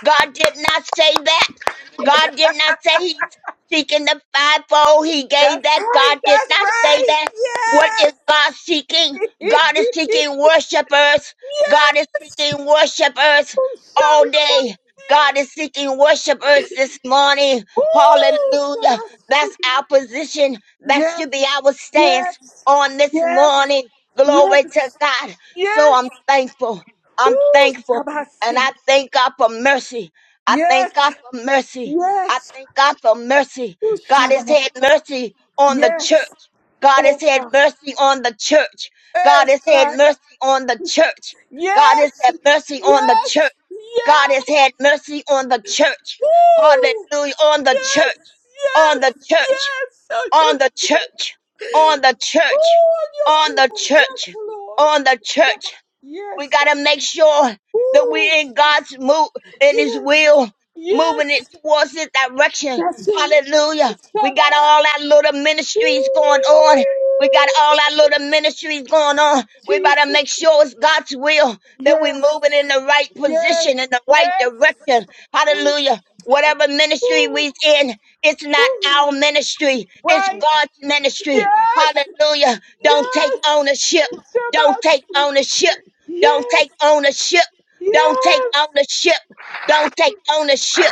S4: God did not say that.
S3: He said,
S4: God did not say he's seeking the fivefold. He gave
S3: That's
S4: that.
S3: right.
S4: God did
S3: That's
S4: not say
S3: right.
S4: that. What
S3: Yes.
S4: is God seeking? God is
S3: <laughs> yes.
S4: seeking worshipers. God is seeking worshipers all
S3: Shabbat.
S4: day. God is seeking worshipers this morning.
S3: Ooh,
S4: Hallelujah.
S3: Shabbat.
S4: That's our position. That
S3: Yes.
S4: should be our stance
S3: Yes.
S4: on this
S3: Yes.
S4: morning.
S3: Yes.
S4: Glory to God. So
S3: Yes.
S4: I'm thankful. I'm
S3: Ooh,
S4: thankful.
S3: Shabbat.
S4: And I thank God for mercy. I thank
S3: Yes.
S4: God for mercy. I
S3: Yes.
S4: thank God for mercy.
S3: Ooh,
S4: God has
S3: Shabbat.
S4: had mercy on the
S3: Yes.
S4: church. God
S3: Oh,
S4: has had
S3: God.
S4: mercy on the church.
S3: Eh,
S4: God has had
S3: Shabbat.
S4: mercy on the church. God has
S3: Yes.
S4: had mercy on the church.
S3: Yes. Yes.
S4: God has had mercy on the church.
S3: Woo.
S4: Hallelujah. On the
S3: Yes,
S4: church on the
S3: yes,
S4: church,
S3: yes. On your,
S4: on the church, on the
S3: Ooh,
S4: church,
S3: on your
S4: on the
S3: people.
S4: church,
S3: Yes,
S4: on the
S3: Lord.
S4: church. We
S3: Yes.
S4: got to make sure that
S3: Ooh,
S4: we're in God's move, in His
S3: yes.
S4: will, moving it
S3: Yes.
S4: towards His direction.
S3: That's it.
S4: Hallelujah. We got
S3: Shabbat.
S4: all our little ministries going on. We got
S3: Ooh,
S4: all our little ministries going on. We better
S3: Jesus.
S4: make sure it's God's will that we're
S3: Yes.
S4: moving in the right
S3: Yes.
S4: position, in the right
S3: Yes.
S4: direction. Hallelujah. Whatever ministry
S3: Ooh,
S4: we're in, it's not
S3: ooh.
S4: our ministry. It's
S3: Right.
S4: God's ministry.
S3: Yes.
S4: Hallelujah. Don't take
S3: Yes.
S4: ownership. Don't
S3: Shabbat.
S4: take ownership. Don't
S3: Yes.
S4: take ownership. Don't take
S3: Yes.
S4: ownership. Don't take ownership.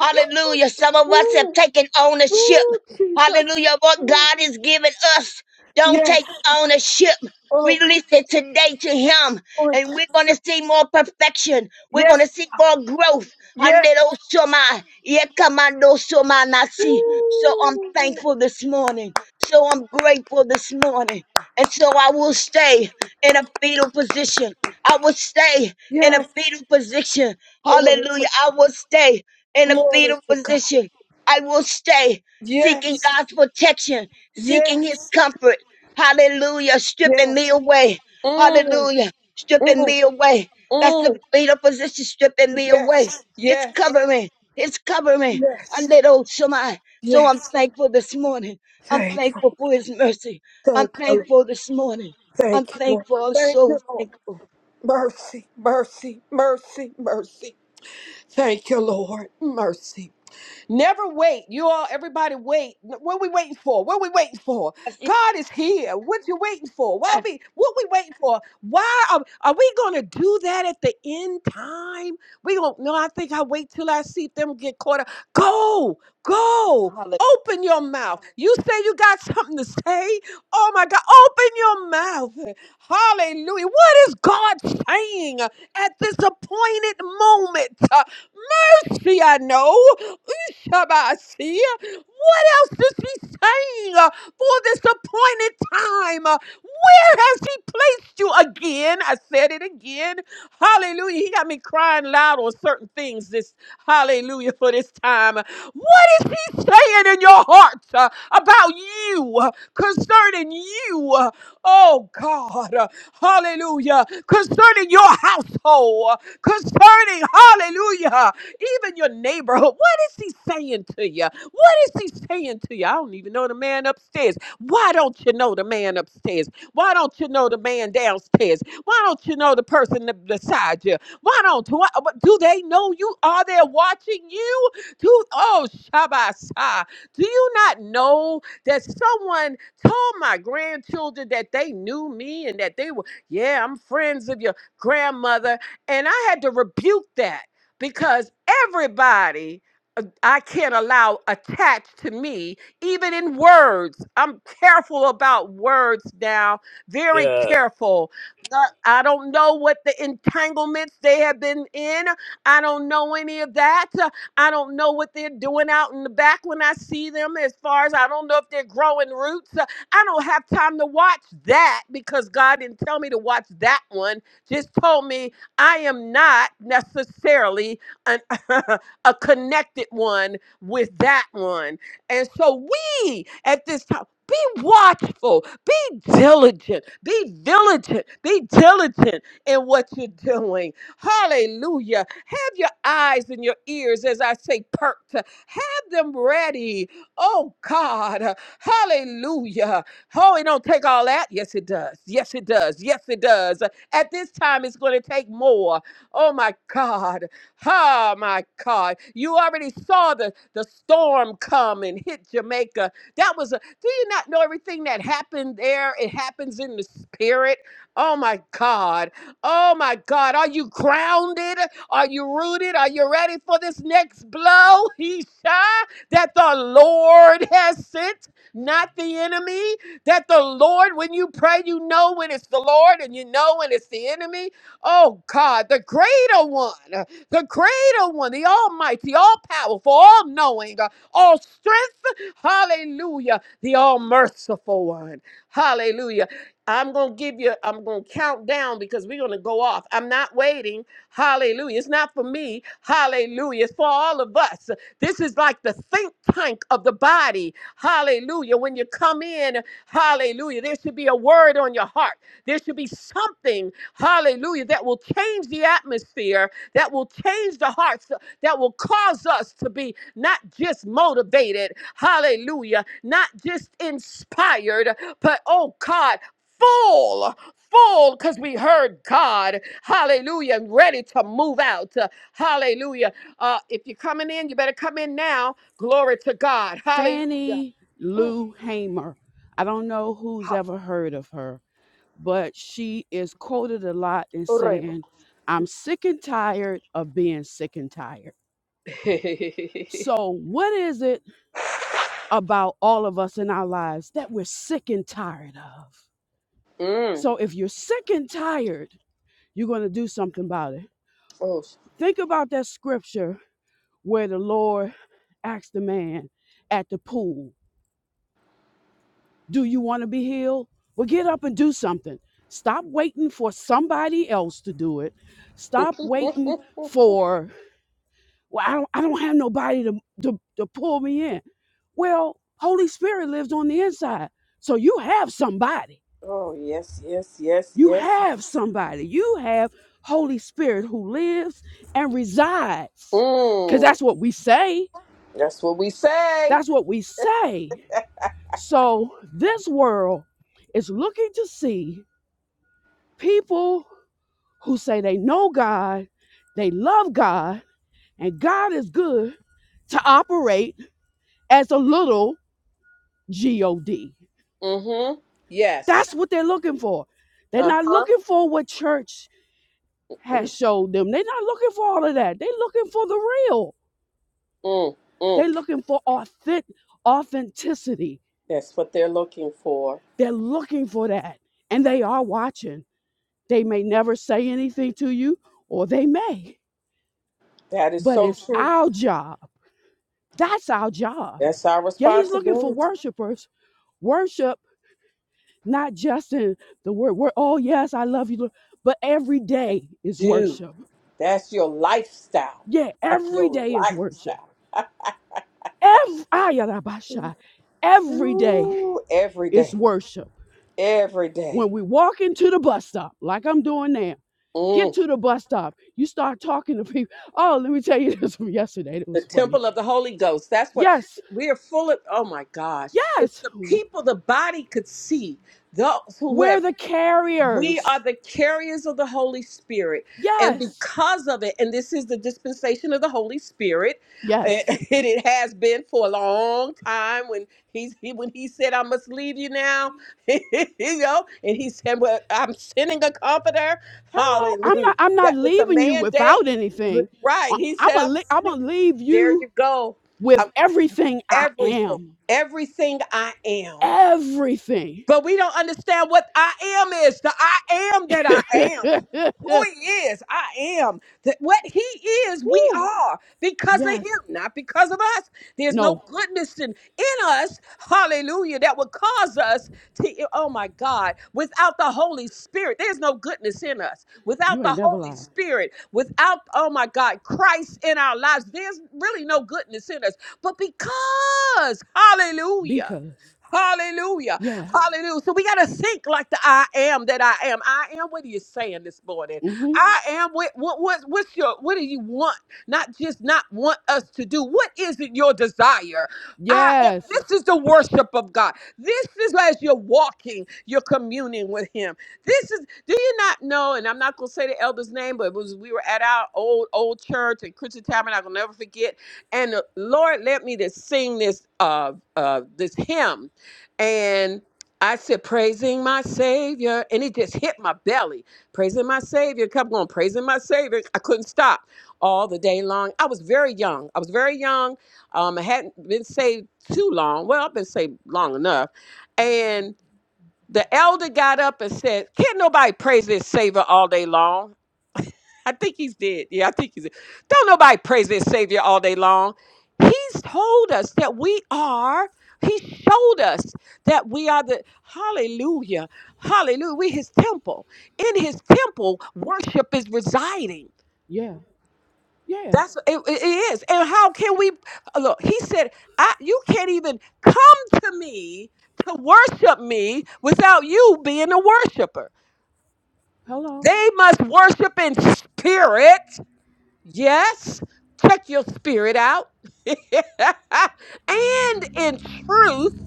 S4: Hallelujah. Some of us have
S3: Ooh,
S4: taken ownership.
S3: ooh, Jesus.
S4: Hallelujah. What
S3: Ooh.
S4: God is giving us. Don't
S3: Yes.
S4: take ownership.
S3: Oh,
S4: Release it today to Him.
S3: glory.
S4: And we're going to see more perfection. We're going
S3: Yes.
S4: to see more growth.
S3: Yes.
S4: Handero soma, yekamando soma nasi. So I'm
S3: Ooh.
S4: thankful this morning. So I'm grateful this morning. And so I will stay in a fetal position I will stay in a
S3: Yes.
S4: fetal position.
S3: Glory
S4: Hallelujah.
S3: to
S4: I will stay in a
S3: glory
S4: fetal
S3: to God.
S4: position. I will stay seeking
S3: Yes.
S4: God's protection, seeking his
S3: Yes.
S4: comfort. Hallelujah. Stripping me
S3: Yes.
S4: away.
S3: Mm,
S4: Hallelujah. Stripping
S3: mm,
S4: me away. That's the
S3: mm.
S4: fetal position, stripping me away.
S3: Yes.
S4: It's
S3: Yes.
S4: covering. It's covering. I
S3: Yes.
S4: little Shemai. So I'm
S3: Yes.
S4: thankful this morning. I'm
S3: Thank you.
S4: thankful for his mercy. I'm
S3: thank you. Lord.
S4: thankful this morning. I'm
S3: Thank you, Lord.
S4: thankful. I'm
S3: Thank
S4: so
S3: you, Lord.
S4: thankful.
S3: Mercy, mercy, mercy, mercy. Thank you, Lord. Mercy. Never wait. You all, everybody, wait. What we waiting for? What we waiting for?
S4: Yes, yes.
S3: God is here. What you waiting for? Why
S4: yes.
S3: be? What we waiting for? Why are, are we gonna do that at the end time? We gonna no. I think I wait till I see them get caught up. Go, go.
S4: Hallelujah.
S3: Open your mouth. You say you got something to say. Oh my God! Open your mouth. Hallelujah. What is God saying? at this appointed moment. Uh, Mercy, I know. Ushabasi. What else is he saying uh, for this appointed time? Uh, Where has he placed you again? I said it again. Hallelujah. He got me crying loud on certain things this hallelujah for this time. What is he saying in your heart uh, about you uh, concerning you? uh, Oh God. uh, Hallelujah. Concerning your household, uh, concerning hallelujah, even your neighborhood. What is he saying to you? What is he saying to you? I don't even know the man upstairs. Why don't you know the man upstairs? Why don't you know the man downstairs? Why don't you know the person that beside you? Why don't why, do they know you? Are they watching you? Do oh Shabasa. Do you not know that someone told my grandchildren that they knew me and that they were, yeah, I'm friends of your grandmother. And I had to rebuke that because everybody uh, I can't allow attached to me, even in words. I'm careful about words now, very
S5: Yeah.
S3: careful God, I don't know what the entanglements they have been in. I don't know any of that. Uh, I don't know what they're doing out in the back when I see them, as far as I don't know if they're growing roots. Uh, I don't have time to watch that because God didn't tell me to watch that one. Just told me I am not necessarily an, <laughs> a connected one with that one. And so we at this time. Be watchful, be diligent, be diligent, be diligent in what you're doing. Hallelujah. Have your eyes and your ears, as I say, perked. Have them ready. Oh God. Hallelujah. Oh, it don't take all that. Yes, it does. Yes, it does. Yes, it does. At this time, it's going to take more. Oh my God. Oh my God. You already saw the, the storm come and hit Jamaica. That was a do you not know everything that happened there? It happens in the spirit. Oh my God. Oh my God. Are you grounded? Are you rooted? Are you ready for this next blow? He shot that the Lord has sent, not the enemy. That the Lord, when you pray, you know when it's the Lord and you know when it's the enemy. Oh God, the greater one, uh, the greater one, the almighty, all powerful, all knowing, all strength. Hallelujah the all merciful one. Hallelujah. I'm going to give you, I'm going to count down because we're going to go off. I'm not waiting. Hallelujah. It's not for me. Hallelujah. It's for all of us. This is like the think tank of the body. Hallelujah. When you come in, hallelujah, there should be a word on your heart. There should be something, hallelujah, that will change the atmosphere, that will change the hearts that will cause us to be not just motivated, hallelujah, not just inspired, but oh God, full. Full because we heard God, hallelujah, and ready to move out, Uh, hallelujah. Uh, if you're coming in, you better come in now. Glory to God, hallelujah.
S6: Fannie Lou Hamer. I don't know who's ever heard of her, but she is quoted a lot in saying, I'm sick and tired of being sick and tired.
S3: <laughs>
S6: So, what is it about all of us in our lives that we're sick and tired of?
S3: mm.
S6: So, if you're sick and tired, you're going to do something about it.
S3: Oh, sh-
S6: Think about that scripture where the Lord asked the man at the pool Do you want to be healed? Well, get up and do something. Stop waiting for somebody else to do it. Stop waiting for, well, I don't, I don't have nobody to, to, to pull me in. Well, Holy Spirit lives on the inside. So you have somebody.
S3: oh, yes, yes, yes,
S6: You
S3: yes.
S6: have somebody. You have Holy Spirit who lives and resides. Because
S3: Mm.
S6: that's what we say.
S3: That's what we say.
S6: That's what we say. So this world is looking to see people who say they know God, they love God, and God is good to operate as a little God.
S3: Mm-hmm. Yes.
S6: That's what they're looking for. They're not
S3: Uh-huh.
S6: looking for what church has showed them. They're not looking for all of that. They're looking for the real.
S3: Mm,
S6: They're
S3: mm.
S6: looking for authentic authenticity.
S3: That's what they're looking for.
S6: They're looking for that. And they are watching. They may never say anything to you, or they may.
S3: That is
S6: But
S3: so
S6: it's
S3: true.
S6: our job. That's our job
S3: That's our
S6: Yeah, he's looking for
S3: responsibility.
S6: worshipers. Worship, not just in the word, word oh, yes, I love you, Lord," but every day is worship.
S3: That's your lifestyle.
S6: Yeah, every
S3: Your
S6: day is worship.
S3: lifestyle.
S6: Every, ayarabasha, every day
S3: Ooh, every
S6: is
S3: day.
S6: worship.
S3: Every day.
S6: When we walk into the bus stop, like I'm doing now, get
S3: Mm.
S6: to the bus stop, you start talking to people. Oh, let me tell you <laughs> this from yesterday. It
S3: The
S6: was funny.
S3: temple of the Holy Ghost. That's what
S6: Yes,
S3: we are full of. Oh my gosh. If
S6: yes,
S3: the people, the body could see those who have
S6: we're the
S3: We are
S6: carriers.
S3: the carriers of the Holy Spirit. And
S6: Yes,
S3: because of it, and this is the dispensation of the Holy Spirit,
S6: yes.
S3: eh, <laughs> and it has been for a long time when he's he, when he said, I must leave you now, <laughs> you know, and he said, Well, I'm sending a comforter.
S6: hello i'm
S3: Hallelujah.
S6: not i'm not
S3: That with the
S6: leaving you
S3: mandate,
S6: without
S3: with-
S6: anything
S3: right.
S6: I-
S3: He
S6: i'm
S3: said,
S6: gonna
S3: I'm
S6: li- i'm
S3: sending
S6: gonna leave
S3: there
S6: you
S3: you go.
S6: with
S3: I'm
S6: everything i
S3: everything,
S6: am
S3: everything I am.
S6: everything
S3: But we don't understand what I am is. The I am that I am.
S6: <laughs>
S3: Who he is, I am. That what he is, we
S6: Woo.
S3: are because of him,
S6: yes
S3: not because of us. There's no
S6: no
S3: goodness in, in us, hallelujah, that would cause us to, oh my God, without the Holy Spirit, there's no goodness in us. Without
S6: you ain't
S3: the
S6: never
S3: Holy
S6: lied
S3: Spirit, without, oh my God, Christ in our lives, there's really no goodness in us. But because, hallelujah,
S6: because
S3: Hallelujah.
S6: yeah
S3: Hallelujah. So we got to think like the I am that I am. I am. What are you saying this morning?
S6: mm-hmm.
S3: I am. What, what, what, what's your, what do you want? Not just not want us to do. What is it your desire? I am.
S6: yes
S3: This is the worship of God. This is as you're walking, you're communing with Him. This is, do you not know? And I'm not going to say the elder's name, but it was, we were at our old, old church and Christian Tabernacle. I'll never forget. And the Lord led me to sing this, uh, uh, this hymn. And I said, praising my Savior. And it just hit my belly. Praising my Savior. Kept going, praising my Savior. I couldn't stop all the day long. I was very young. I was very young. Um, I hadn't been saved too long. Well, I've been saved long enough. And the elder got up and said, Can't nobody praise this Savior all day long? I think he's dead. Yeah, I think he's dead. Don't nobody praise their Savior all day long. He's told us that we are, he showed us that we are the, hallelujah, hallelujah, we his temple. In his temple, worship is residing.
S6: yeah yeah
S3: That's it, it it is. And how can we uh, look? He said, I, You can't even come to me to worship me without you being a worshiper.
S6: hello
S3: They must worship in spirit Yes, check your spirit out. <laughs> and in truth,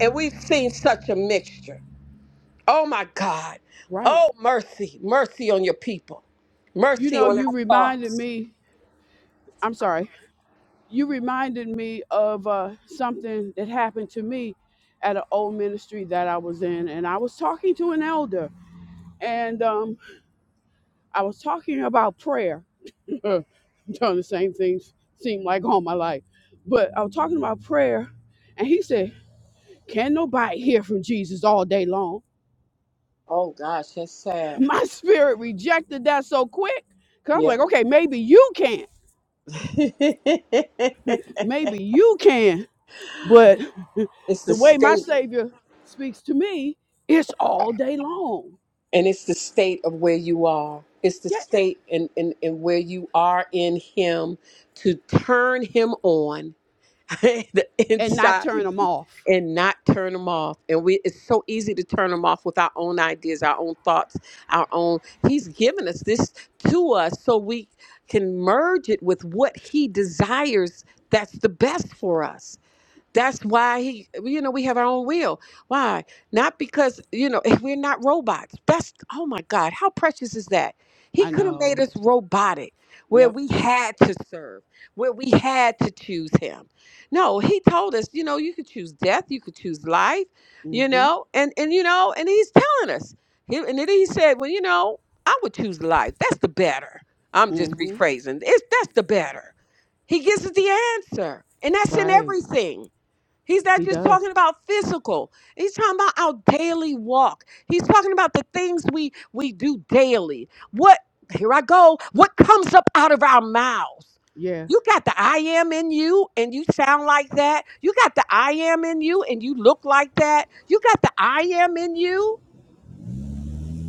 S3: and we've seen such a mixture. Oh my God.
S6: right
S3: Oh, mercy. Mercy on your people.
S6: you
S3: Mercy
S6: know
S3: on
S6: you
S3: our
S6: reminded
S3: thoughts.
S6: me i'm sorry you reminded me of uh, something that happened to me at an old ministry that I was in, and I was talking to an elder, and um, I was talking about prayer. <laughs> i doing the same things seem like all my life, but I was talking about prayer, and he said, "Can nobody hear from Jesus all day long?"
S3: Oh gosh, that's
S6: <laughs>
S3: sad.
S6: My spirit rejected that so quick, cause I'm
S3: Yeah.
S6: like, "Okay, maybe you can, not
S3: <laughs> it's
S6: maybe you can." But the
S3: the
S6: way my
S3: state,
S6: Savior speaks to me, it's all day long.
S3: and it's the state of where you are. It's the
S6: Yeah.
S3: state and, and, and where you are in Him to turn Him on <laughs> the
S6: And not
S3: inside
S6: turn
S3: of
S6: them
S3: you
S6: off.
S3: and not turn them off. And we it's so easy to turn them off with our own ideas, our own thoughts, our own He's given us this to us so we can merge it with what he desires that's the best for us. That's why he, you know, we have our own will. Why? Not because, you know, <laughs> we're not robots. That's, oh my God, how precious is that? He
S6: I
S3: could have made
S6: know.
S3: us robotic where
S6: Yep.
S3: we had to serve, where we had to choose him. No, he told us, you know, you could choose death, you could choose life, you
S6: Mm-hmm.
S3: know, and, and you know, and he's telling us. He, and then he said, well, you know, I would choose life. That's the better. I'm just
S6: Mm-hmm.
S3: rephrasing. It's, that's the better. He gives us the answer, and that's in
S6: Right.
S3: everything. He's not
S6: He
S3: just
S6: does.
S3: talking about physical. He's talking about our daily walk. He's talking about the things we we do daily. What here I go. What comes up out of our mouths?
S6: Yeah.
S3: You got the I am in you and you sound like that. You got the I am in you and you look like that. You got the I am in you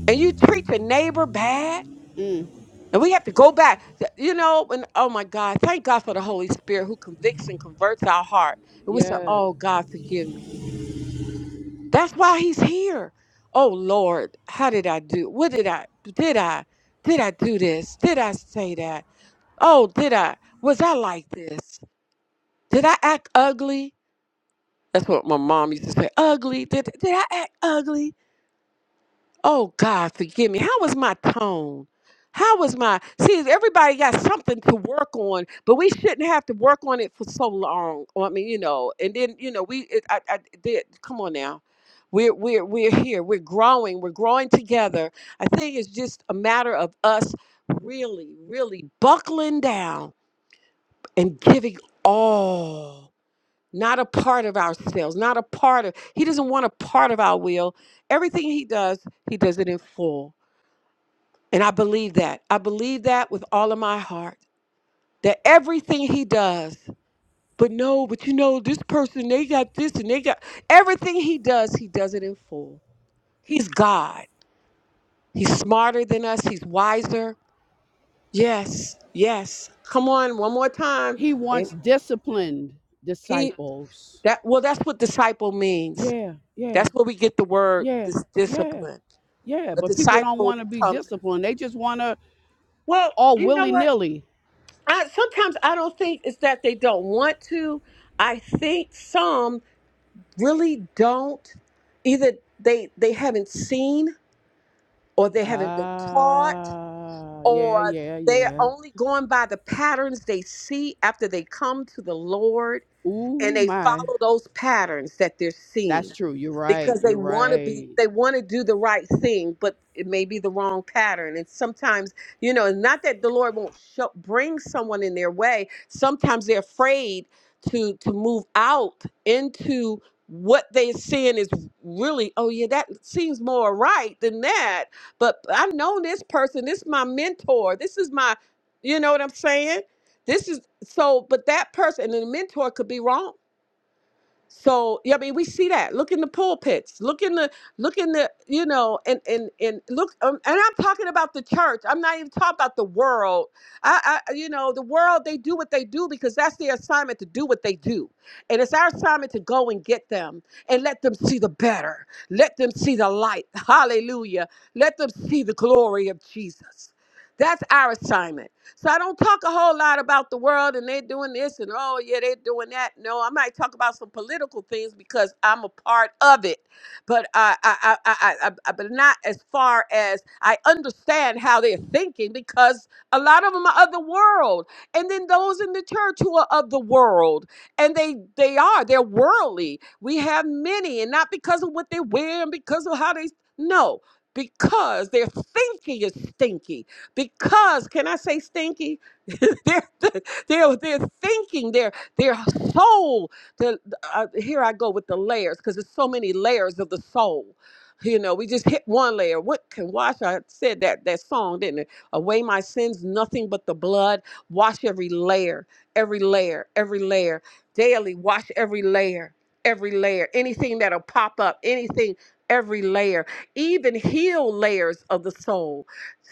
S3: and you treat your neighbor bad.
S6: Mm.
S3: And we have to go back. You know, and oh my God, thank God for the Holy Spirit who convicts and converts our heart. And we say,
S6: Yeah.
S3: Oh God, forgive me. That's why he's here. Oh Lord, how did I do? What did I did I did I do this? Did I say that? Oh, did I was I like this? Did I act ugly? That's what my mom used to say. Ugly. Did did I act ugly? Oh God, forgive me. How was my tone? How was my see? Everybody got something to work on, but we shouldn't have to work on it for so long. Well, I mean, you know, and then you know, we it, I, I did. Come on now, we're we're we're here. We're growing. We're growing together. I think it's just a matter of us really, really buckling down and giving all, not a part of ourselves, not a part of. He doesn't want a part of our will. Everything he does, he does it in full and I believe that. I believe that with all of my heart. That everything he does, but no, but you know, this person, they got this and they got everything he does, he does it in full. He's God. He's smarter than us. He's wiser. Yes, yes. Come on, one more time.
S6: He wants
S3: And
S6: disciplined
S3: he
S6: disciples.
S3: that well, that's what disciple means.
S6: Yeah. Yeah.
S3: That's where we get the word
S6: Yeah.
S3: dis-
S6: Yeah.
S3: discipline.
S6: Yeah.
S3: A
S6: But people don't
S3: disciple
S6: want to be
S3: becomes
S6: disciplined. They just want to
S3: well,
S6: all
S3: you know
S6: willy
S3: what?
S6: nilly.
S3: I, sometimes I don't think it's that they don't want to. I think some really don't. Either they they haven't seen, or they haven't been taught,
S6: Ah. yeah.
S3: or
S6: Yeah.
S3: they're
S6: Yeah.
S3: only going by the patterns they see after they come to the Lord, and
S6: Ooh
S3: they
S6: my.
S3: follow those patterns that they're seeing
S6: That's true. You're right.
S3: because they
S6: You're
S3: want to be
S6: right.
S3: they want to do the right thing but it may be the wrong pattern and sometimes you know not that the lord won't show, bring someone in their way sometimes they're afraid to to move out into what they're seeing is really oh yeah that seems more right than that but i've known this person this is my mentor this is my you know what i'm saying this is so but that person and the mentor could be wrong so yeah, I mean, we see that. Look in the pulpits. Look in the look in the you know, and and and look. Um, and I'm talking about the church. I'm not even talking about the world. I, I you know, the world they do what they do because that's their assignment to do what they do, and it's our assignment to go and get them and let them see the better. Let them see the light. <laughs> Hallelujah. Let them see the glory of Jesus. That's our assignment. So I don't talk a whole lot about the world and they're doing this and oh yeah, they're doing that. No, I might talk about some political things because I'm a part of it, but I, I, I, I, I I- but not as far as I understand how they're thinking because a lot of them are of the world, and then those in the church who are of the world, and they they are they're worldly. We have many, and not because of what they wear and because of how they no. Because their thinking is stinky because, can I say stinky? <laughs> they're, they're, they're thinking, their, their soul. The, uh, here I go with the layers, because there's so many layers of the soul. You know, we just hit one layer. What can wash? I said that that song, didn't it? Away my sins, nothing but the blood. Wash every layer, every layer, every layer. Daily, wash every layer, every layer. Anything that'll pop up, anything, every layer. Even heal layers of the soul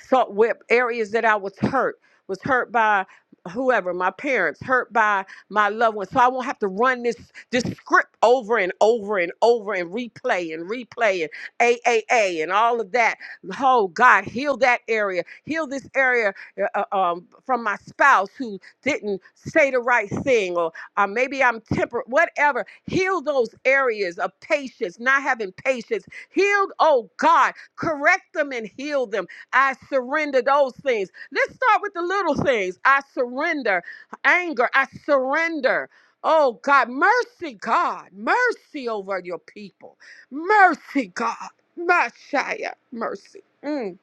S3: so where areas that I was hurt, was hurt by whoever, my parents, hurt by my loved ones. So I won't have to run this this script over and over and over and replay and replay and A A A and all of that. Oh God, heal that area, heal this area uh, uh, um, from my spouse who didn't say the right thing, or uh, maybe I'm temper, whatever. Heal those areas of patience, not having patience. Heal, oh God, correct them and heal them I surrender those things. Let's start with the little things. I surrender anger. I surrender. Oh God, mercy, God, mercy over your people. Mercy, God. Messiah, mercy. Mm.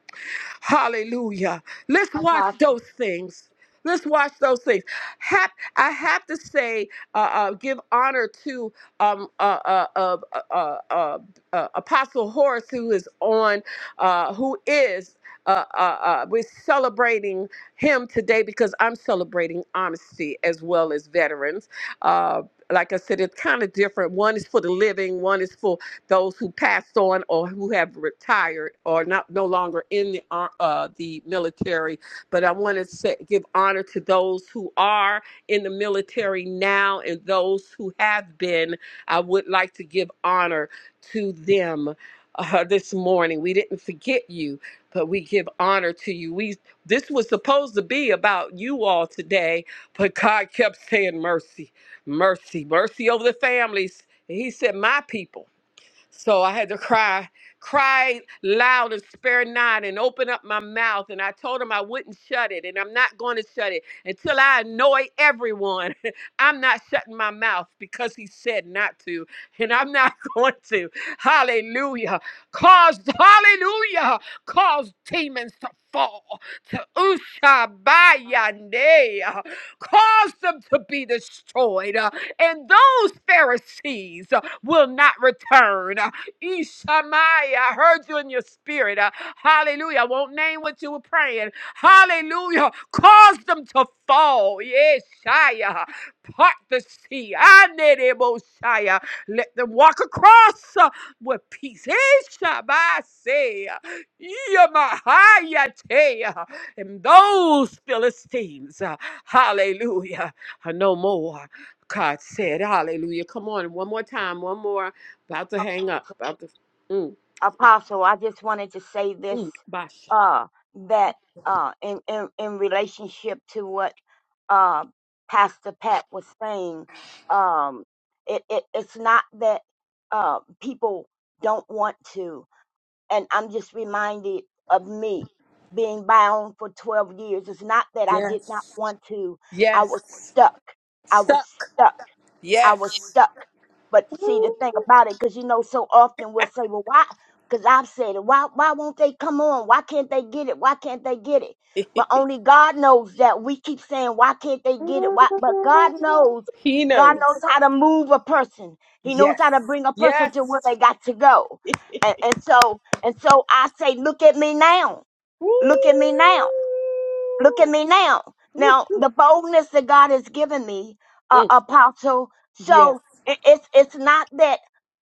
S3: Hallelujah. Let's watch
S4: Apostle,
S3: those things. Let's watch those things. Hap- I have to say, uh, uh, give honor to um, uh, uh, uh, uh, uh, uh, uh, Apostle Horace, who is on, uh, who is. Uh, uh, uh, we're celebrating him today because I'm celebrating honesty as well as veterans. Uh, like I said, it's kind of different. One is for the living, one is for those who passed on or who have retired or not no longer in the ar- uh, the military. But I want to say, give honor to those who are in the military now and those who have been. I would like to give honor to them uh, this morning. We didn't forget you but we give honor to you. We this was supposed to be about you all today, but God kept saying mercy, mercy, mercy over the families. And he said, "My people." So I had to cry, cry loud and spare not, and open up my mouth. And I told him I wouldn't shut it, and I'm not going to shut it until I annoy everyone. <laughs> I'm not shutting my mouth because he said not to, and I'm not <laughs> going to. Hallelujah. Cause, hallelujah, cause demons to fall to
S4: hallelujah.
S3: Ushabayande, cause them to be destroyed. Uh, And those Pharisees will not return. Uh, Ishamai, I heard you in your spirit. Uh, Hallelujah. I won't name what you were praying. Hallelujah. Cause them to fall. Yes, Shia. Part the sea. I need it, Mosiah. Let them walk across uh, with peace. Ishamai, Yamahayatea. And those Philistines, uh, hallelujah, are no more. God said, Hallelujah. Come on, one more time, one more. About to hang up. About to. Mm,
S4: Apostle, I just wanted to say this
S3: mm, Basha.
S4: uh that uh in in, in relationship to what uh Pastor Pat was saying, um it, it it's not that uh people don't want to and I'm just reminded of me being bound for 12 years. It's not that I did not
S3: Yes.
S4: want to. I was
S3: Yes.
S4: stuck. I was
S3: Stuck.
S4: stuck I was
S3: Yes.
S4: stuck. But see, the thing about it, because you know, so often we'll say, well, why? Because I've said it. Why, why won't they come on? Why can't they get it? Why can't they get it? But only God knows that. We keep saying, why can't they get it? Why?
S3: <laughs>
S4: But God knows.
S3: he
S4: God
S3: knows.
S4: knows how to move a person. He knows
S3: Yes.
S4: how to bring a person to where
S3: Yes.
S4: they got to go. And, and so, and so I say, look at me now.
S3: Woo.
S4: Look at me now. Look at me now.
S3: Woo.
S4: Now the boldness that God has given me, uh,
S3: Mm,
S4: Apostle.
S3: Yes.
S4: So i- it's it's not that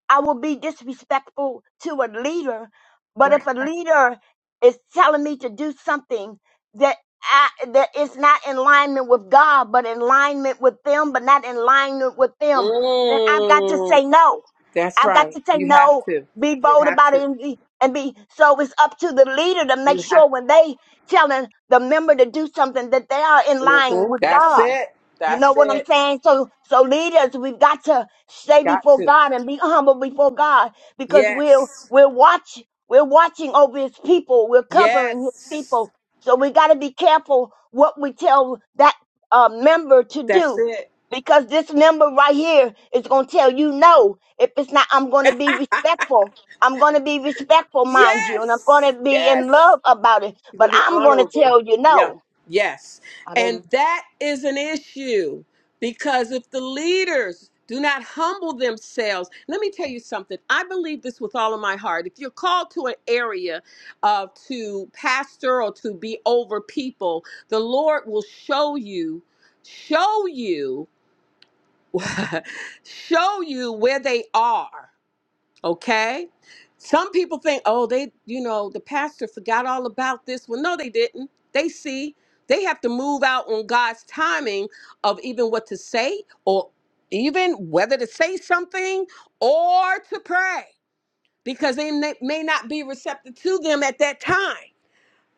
S4: I will be disrespectful to a leader, but
S3: Right.
S4: if a leader is telling me to do something that I, that is not in alignment with God, but in alignment with them, but not in alignment with them, then I've got to
S3: Mm,
S4: say no.
S3: that's
S4: I've got
S3: right.
S4: to say
S3: You have
S4: no.
S3: to.
S4: Be
S3: You
S4: bold
S3: have
S4: about it
S3: to.
S4: and be and be. So it's up to the leader to make
S3: You have
S4: sure
S3: to.
S4: when they telling the member to do something that they are in line
S3: Mhm.
S4: with
S3: That's
S4: God.
S3: it.
S4: You
S3: That's
S4: know what I'm
S3: it.
S4: saying? So, so leaders, we've got to stay
S3: Got
S4: before
S3: to.
S4: God and be humble before God because we're
S3: Yes.
S4: we're watch we're watching over His people. We're covering His
S3: Yes.
S4: people. So we got to be careful what we tell that uh, member to
S3: That's
S4: do
S3: it.
S4: because this member right here is going to tell you no. If it's not, I'm going to be respectful. I'm going to be respectful,
S3: <laughs>
S4: mind you, and I'm
S3: yes.
S4: going to be in
S3: Yes.
S4: love about it,
S3: You're
S4: but
S3: going to be
S4: I'm going to
S3: honorable.
S4: tell you
S3: Yeah.
S4: no.
S3: Yes.
S4: Hallelujah.
S3: And that is an issue because if the leaders do not humble themselves, let me tell you something. I believe this with all of my heart. If you're called to an area uh, to pastor or to be over people, the Lord will show you, show you, <laughs> show you where they are Okay? Some people think, oh, they, you know, the pastor forgot all about this. Well, no, they didn't. They see. They have to move out on God's timing of even what to say or even whether to say something or to pray because they may may not be receptive to them at that time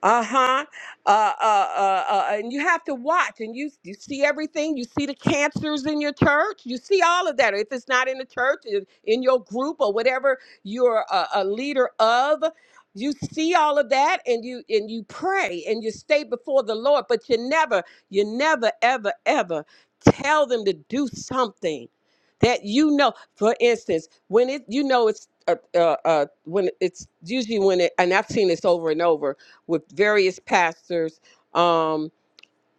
S3: uh-huh uh, uh uh uh and you have to watch and you you see everything you see the cancers in your church you see all of that if it's not in the church in, in your group or whatever you're a, a leader of you see all of that and you and you pray and you stay before the lord but you never you never ever ever tell them to do something that you know for instance when it you know it's uh, uh, uh, when it's usually when it and i've seen this over and over with various pastors. Um,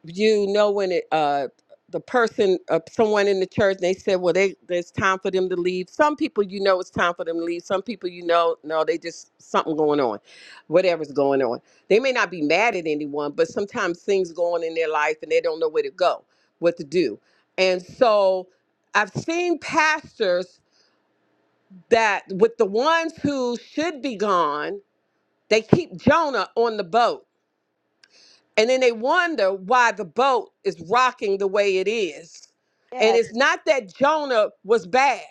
S3: you know when it, uh, the person, uh, someone in the church, they said, well, they, it's time for them to leave. Some people, you know, it's time for them to leave. Some people, you know, no, they just something going on, whatever's going on. They may not be mad at anyone, but sometimes things go on in their life and they don't know where to go, what to do. And so I've seen pastors that with the ones who should be gone, they keep Jonah on the boat And then they wonder why the boat is rocking the way it is. And
S4: Yes,
S3: it's not that Jonah was bad.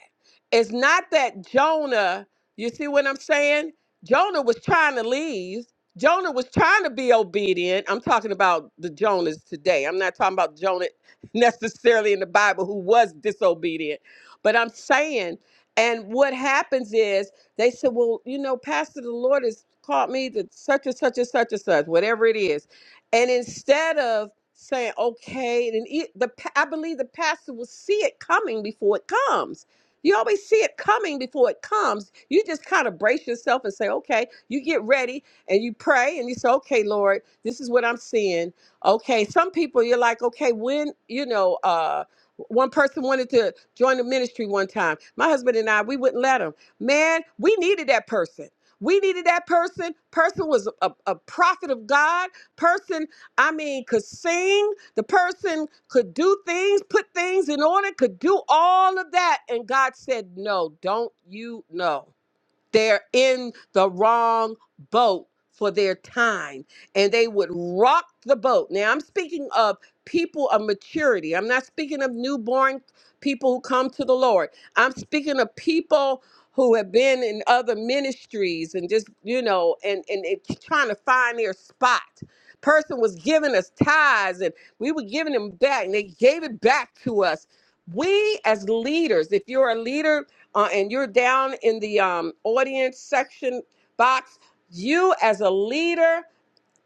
S3: It's not that Jonah, you see what I'm saying? Jonah was trying to leave. Jonah was trying to be obedient. I'm talking about the Jonas today. I'm not talking about Jonah <laughs> necessarily in the Bible who was disobedient. But I'm saying, and what happens is they said, well, you know, Pastor, the Lord has called me to such and such and such and such, whatever it is and instead of saying, okay, and it, the pa- I believe the pastor will see it coming before it comes. You always see it coming before it comes. You just kind of brace yourself and say, okay, you get ready and you pray and you say, okay, Lord, this is what I'm seeing. Okay, some people you're like, okay, when, you know, uh, one person wanted to join the ministry one time. My husband and I, we wouldn't let him. Man, we needed that person. We needed that person. Person was a, a prophet of God person, I mean, could sing, the person could do things, put things in order, could do all of that. And God said, No, don't you know? They're in the wrong boat for their time and they would rock the boat. Now, I'm speaking of people of maturity. I'm not speaking of newborn people who come to the Lord. I'm speaking of people who have been in other ministries and just, you know, and, and, and trying to find their spot. Person was giving us tithes and we were giving them back and they gave it back to us. We as leaders, if you're a leader, uh, and you're down in the um, audience section box. You, as a leader,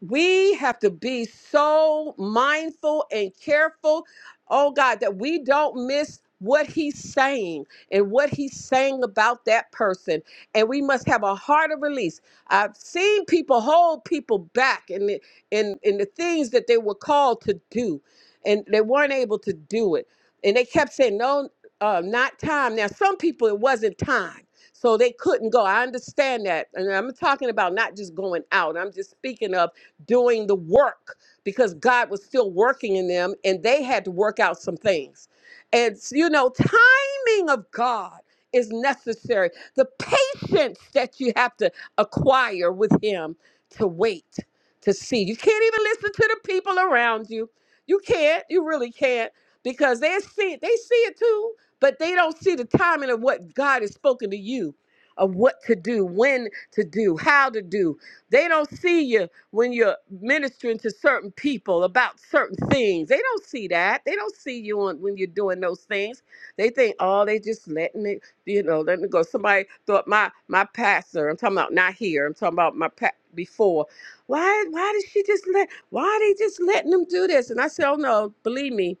S3: we have to be so mindful and careful, oh God, that we don't miss what he's saying and what he's saying about that person. And we must have a heart of release. I've seen people hold people back in the, in, in the things that they were called to do, and they weren't able to do it. And they kept saying, no, uh, not time. Now, some people, it wasn't time. So they couldn't go. I understand that. And I'm talking about not just going out. I'm just speaking of doing the work because God was still working in them and they had to work out some things. And you know, timing of God is necessary. The patience that you have to acquire with him to wait to see. You can't even listen to the people around you. You can't, you really can't because they see it, they see it too, but they don't see the timing of what God has spoken to you, of what to do, when to do, how to do. They don't see you when you're ministering to certain people about certain things. They don't see that. They don't see you on, when you're doing those things. They think, oh, they just letting it, you know, let me go. Somebody thought my my pastor. I'm talking about not here. I'm talking about my pa- before. Why why did she just let? Why are they just letting them do this? And I said, oh no, believe me,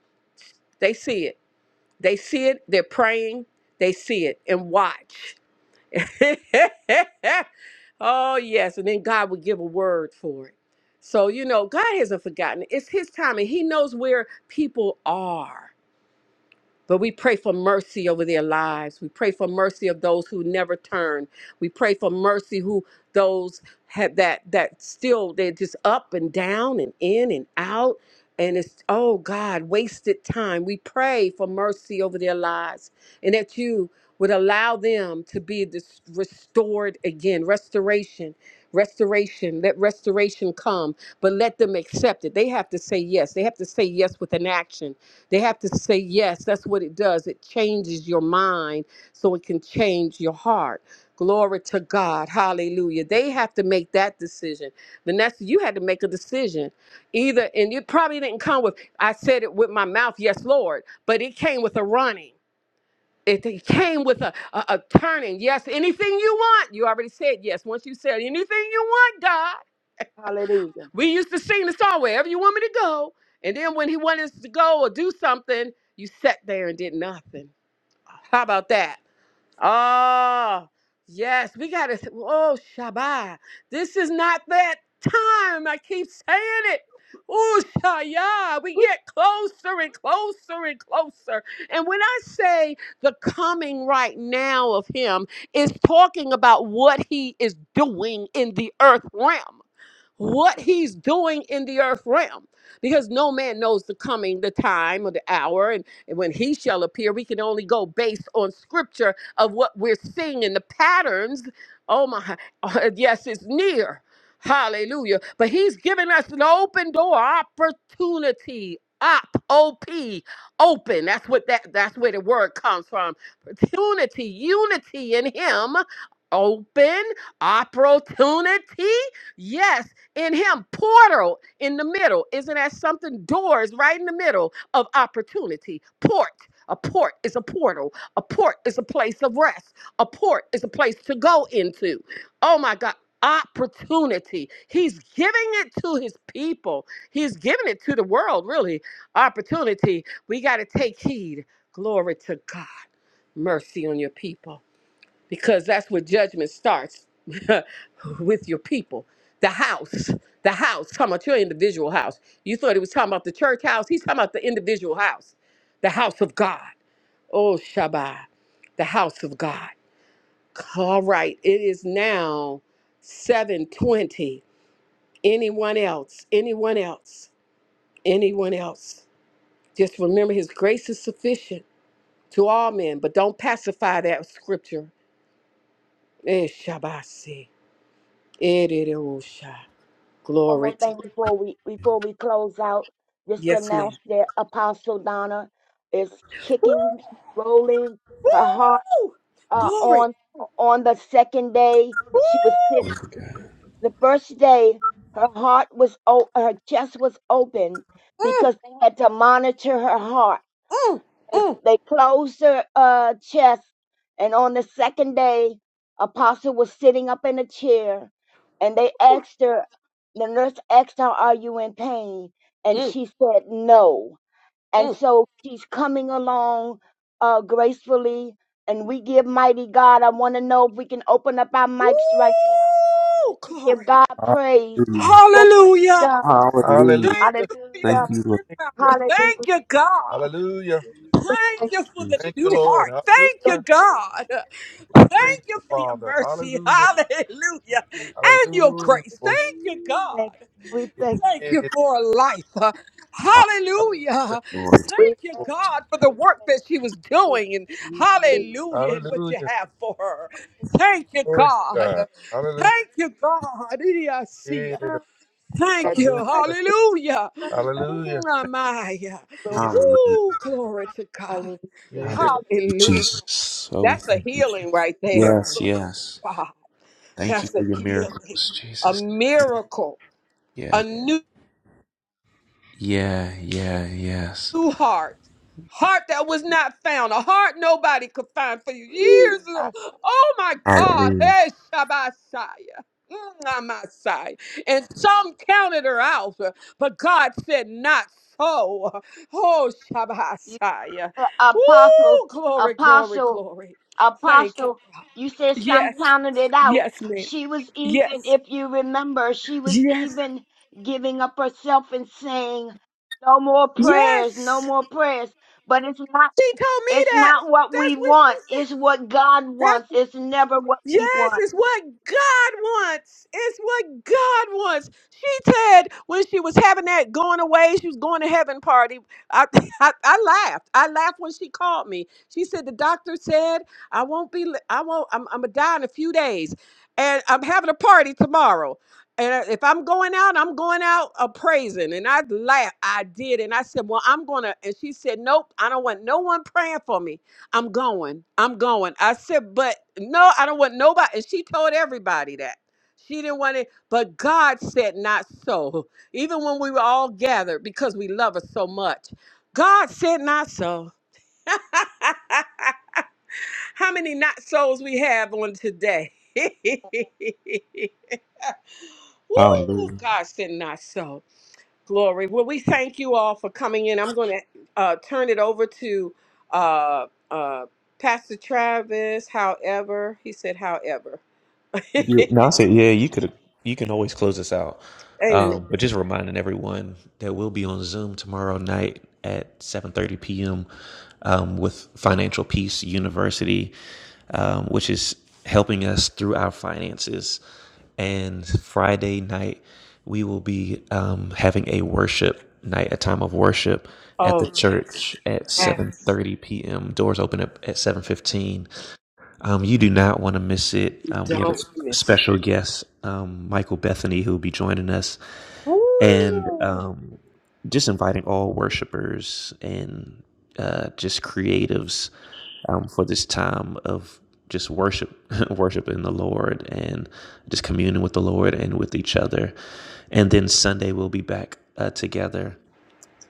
S3: they see it. They see it. They're praying. They see it and watch. <laughs> oh, yes. And then God would give a word for it. So, you know, God hasn't forgotten. It's His time, and He knows where people are. But we pray for mercy over their lives. We pray for mercy of those who never turn. We pray for mercy who those have that that still they're just up and down and in and out. And it's oh God, wasted time. We pray for mercy over their lives and that you would allow them to be dis- restored again. Restoration, restoration, let restoration come, but let them accept it. They have to say yes. They have to say yes with an action they have to say yes. That's what it does. It changes your mind so it can change your heart. Glory to God. Hallelujah. They have to make that decision. Vanessa, you had to make a decision. Either, and it probably didn't come with, I said it with my mouth, yes, Lord, but it came with a running. It it came with a, a, a turning. Yes, anything you want. You already said yes. Once you said anything you want, God.
S4: Hallelujah.
S3: We used to sing the song wherever you want me to go. And then when he wanted us to go or do something, you sat there and did nothing. How about that? Oh, yes, we got to. Oh, Shabbat. This is not that time. I keep saying it. Oh, Shaya. We get closer and closer and closer. And when I say the coming right now of him, is talking about what he is doing in the earth realm what he's doing in the earth realm. Because no man knows the coming, the time, or the hour. And, and when he shall appear, we can only go based on scripture of what we're seeing in the patterns. Oh my, <laughs> yes, it's near. Hallelujah. But he's given us an open door opportunity. Op, op, open. That's what that that's where the word comes from. Opportunity, unity in him. Open opportunity. Yes, in him portal in the middle isn't that something doors right in the middle of opportunity port a port is a portal a port is a place of rest a port is a place to go into oh my god opportunity he's giving it to his people he's giving it to the world really opportunity we got to take heed glory to god mercy on your people because that's where judgment starts <laughs> with your people. The house, the house, talking about your individual house. You thought he was talking about the church house. He's talking about the individual house, the house of God. Oh, Shabbat, the house of God. All right, it is now 720. Anyone else? Anyone else? Anyone else? Just remember his grace is sufficient to all men, but don't pacify that scripture. Eh, Shabbat, see. It, it, it, oh, Sha.
S4: One
S3: Glory
S4: more
S3: to.
S4: thing before we before we close out, just to
S3: Yes, ma'am.
S4: announce that Apostle Donna is kicking, rolling, her heart
S3: Woo!
S4: uh,
S3: Glory.
S4: on on the second day.
S3: Woo!
S4: She was sitting
S1: Hallelujah,
S4: the first day. Her heart was o- her chest was open
S3: Mm,
S4: because they had to monitor her heart
S3: mm,
S4: They
S3: mm,
S4: they closed their uh, chest, and on the second day, Apostle was sitting up in a chair, and they asked her. The nurse asked her, "Are you in pain?" And
S3: mm,
S4: she said, "No." And
S3: mm.
S4: so she's coming along uh, gracefully, and we give mighty God. I want to know if we can open up our mics right now
S3: Woo!
S4: just to give
S3: Glory.
S4: God
S1: God.
S4: praise
S1: Hallelujah.
S4: for what He's
S3: Hallelujah.
S4: done.
S1: Hallelujah.
S3: Thank
S7: Hallelujah.
S3: you for your
S4: Hallelujah!
S1: Thank you, Lord
S3: healing power. Thank
S4: Hallelujah!
S3: you, God.
S7: Hallelujah.
S3: Thank you for the
S1: Jesus.
S7: Thank you,
S3: new
S7: Lord.
S4: We
S3: heart.
S4: thank,
S3: Thank you,
S7: Hallelujah.
S3: God.
S7: Praise
S3: Thank you
S7: the
S3: for your
S7: Father.
S3: mercy.
S7: Hallelujah.
S3: Hallelujah.
S6: Ooh,
S3: And your
S7: Hallelujah.
S3: grace.
S7: Devotion.
S3: Thank you, God.
S6: Thank
S4: we
S6: you,
S4: thank,
S3: Thank
S6: Lord.
S3: you
S6: Lord.
S3: for life. Uh,
S6: Yes, Lord.
S3: Hallelujah.
S1: Lord.
S4: we
S3: Thank
S4: thank,
S3: you,
S6: Wow.
S3: God, for the work that she was
S4: we
S3: doing. And
S4: thank, we
S6: Mm-hmm.
S3: hallelujah, and what you
S7: Hallelujah. Hallelujah.
S3: have for her. Thank you,
S7: Glory to
S3: God.
S7: God. Hallelujah.
S3: Thank you, God. Idiasia.
S4: thank. That
S3: Thank you.
S4: I
S3: Hallelujah.
S7: Hallelujah.
S3: Mm,
S1: Hallelujah,
S4: close for
S3: Ooh, glory to God.
S4: hallelujah.
S7: Hallelujah.
S4: Thank
S3: Hallelujah.
S1: Jesus. Oh, we
S3: That's
S1: thank
S3: a healing right
S1: you.
S3: there.
S1: Yes.
S3: Glory to
S1: Yes,
S3: God.
S1: Thank you
S3: That's
S1: for
S3: a
S1: your
S3: healing,
S1: miracles,
S3: a
S1: Jesus.
S3: miracle,
S1: Yeah.
S3: a new.
S1: Yeah. Yeah. Yes.
S3: new heart, heart that was not found, a heart nobody could find for you
S4: you.
S3: years. ago.
S4: Awesome.
S3: Oh my God, hey Shabbataya. mm, my side. And some counted her out, but God said, Not so. Oh,
S4: You-
S3: Shabbataya.
S4: uh, Apostle,
S3: Ooh, Glory, glory,
S4: apostle,
S3: glory. Thank you.
S4: apostle, you said some
S3: Yes,
S4: counted it out.
S3: yes, ma'am.
S4: She was even,
S3: Yes,
S4: if you remember, she was
S3: yes,
S4: even giving up herself and saying, no more prayers, no
S3: yes.
S4: more prayers. But it's not.
S3: She told me
S4: It's
S3: that.
S4: not what we
S3: That's what
S4: want.
S3: she
S4: It's what God
S3: said.
S4: wants. It's never what we
S3: Yes,
S4: want.
S3: it's what God wants. It's what God wants. She said when she was having that going away, she was going to heaven party. I, <laughs> I, I laughed. I laughed when she called me. She said the doctor said I won't be. li- I won't. I'm, I'm gonna die in a few days, and I'm having a party tomorrow. And if I'm going out, I'm going out a praising. And I laughed. I did, and I said, "Well, I'm gonna." And she said, "Nope, I don't want no one praying for me." I'm going. I'm going. I said, but no, I don't want nobody. And she told everybody that. She didn't want it, but God said not so. <laughs> Even when we were all gathered, because we love her so much, God said not so. <laughs> How many not souls we have on today? <laughs> Woo,
S1: Hallelujah.
S3: God said not so. Glory. Well, we thank you all for coming in. I'm going to uh, turn it over to uh, uh, Pastor Travis. However, he said, however. <laughs>
S1: Yeah, no, I said, yeah, you could. You can always close us out.
S3: Amen.
S1: Um, but just reminding everyone that we'll be on Zoom tomorrow night at 7:30 p.m. Um, with Financial Peace University, um, which is helping us through our finances. And Friday night, we will be um, having a worship night, a time of worship at the
S3: Oh, yes.
S1: church at
S3: Yes.
S1: 7:30 p.m. Doors open up at 7:15 um, you do not want to miss it. Um, we have a
S3: Don't
S1: s-
S3: miss.
S1: special guest, um, Michael Bethany, who will be joining us, and
S3: Woo.
S1: um, just inviting all worshipers and uh, just creatives um, for this time of just worship, <laughs> worshiping the Lord, and just communing with the Lord and with each other. And then Sunday we'll be back uh, together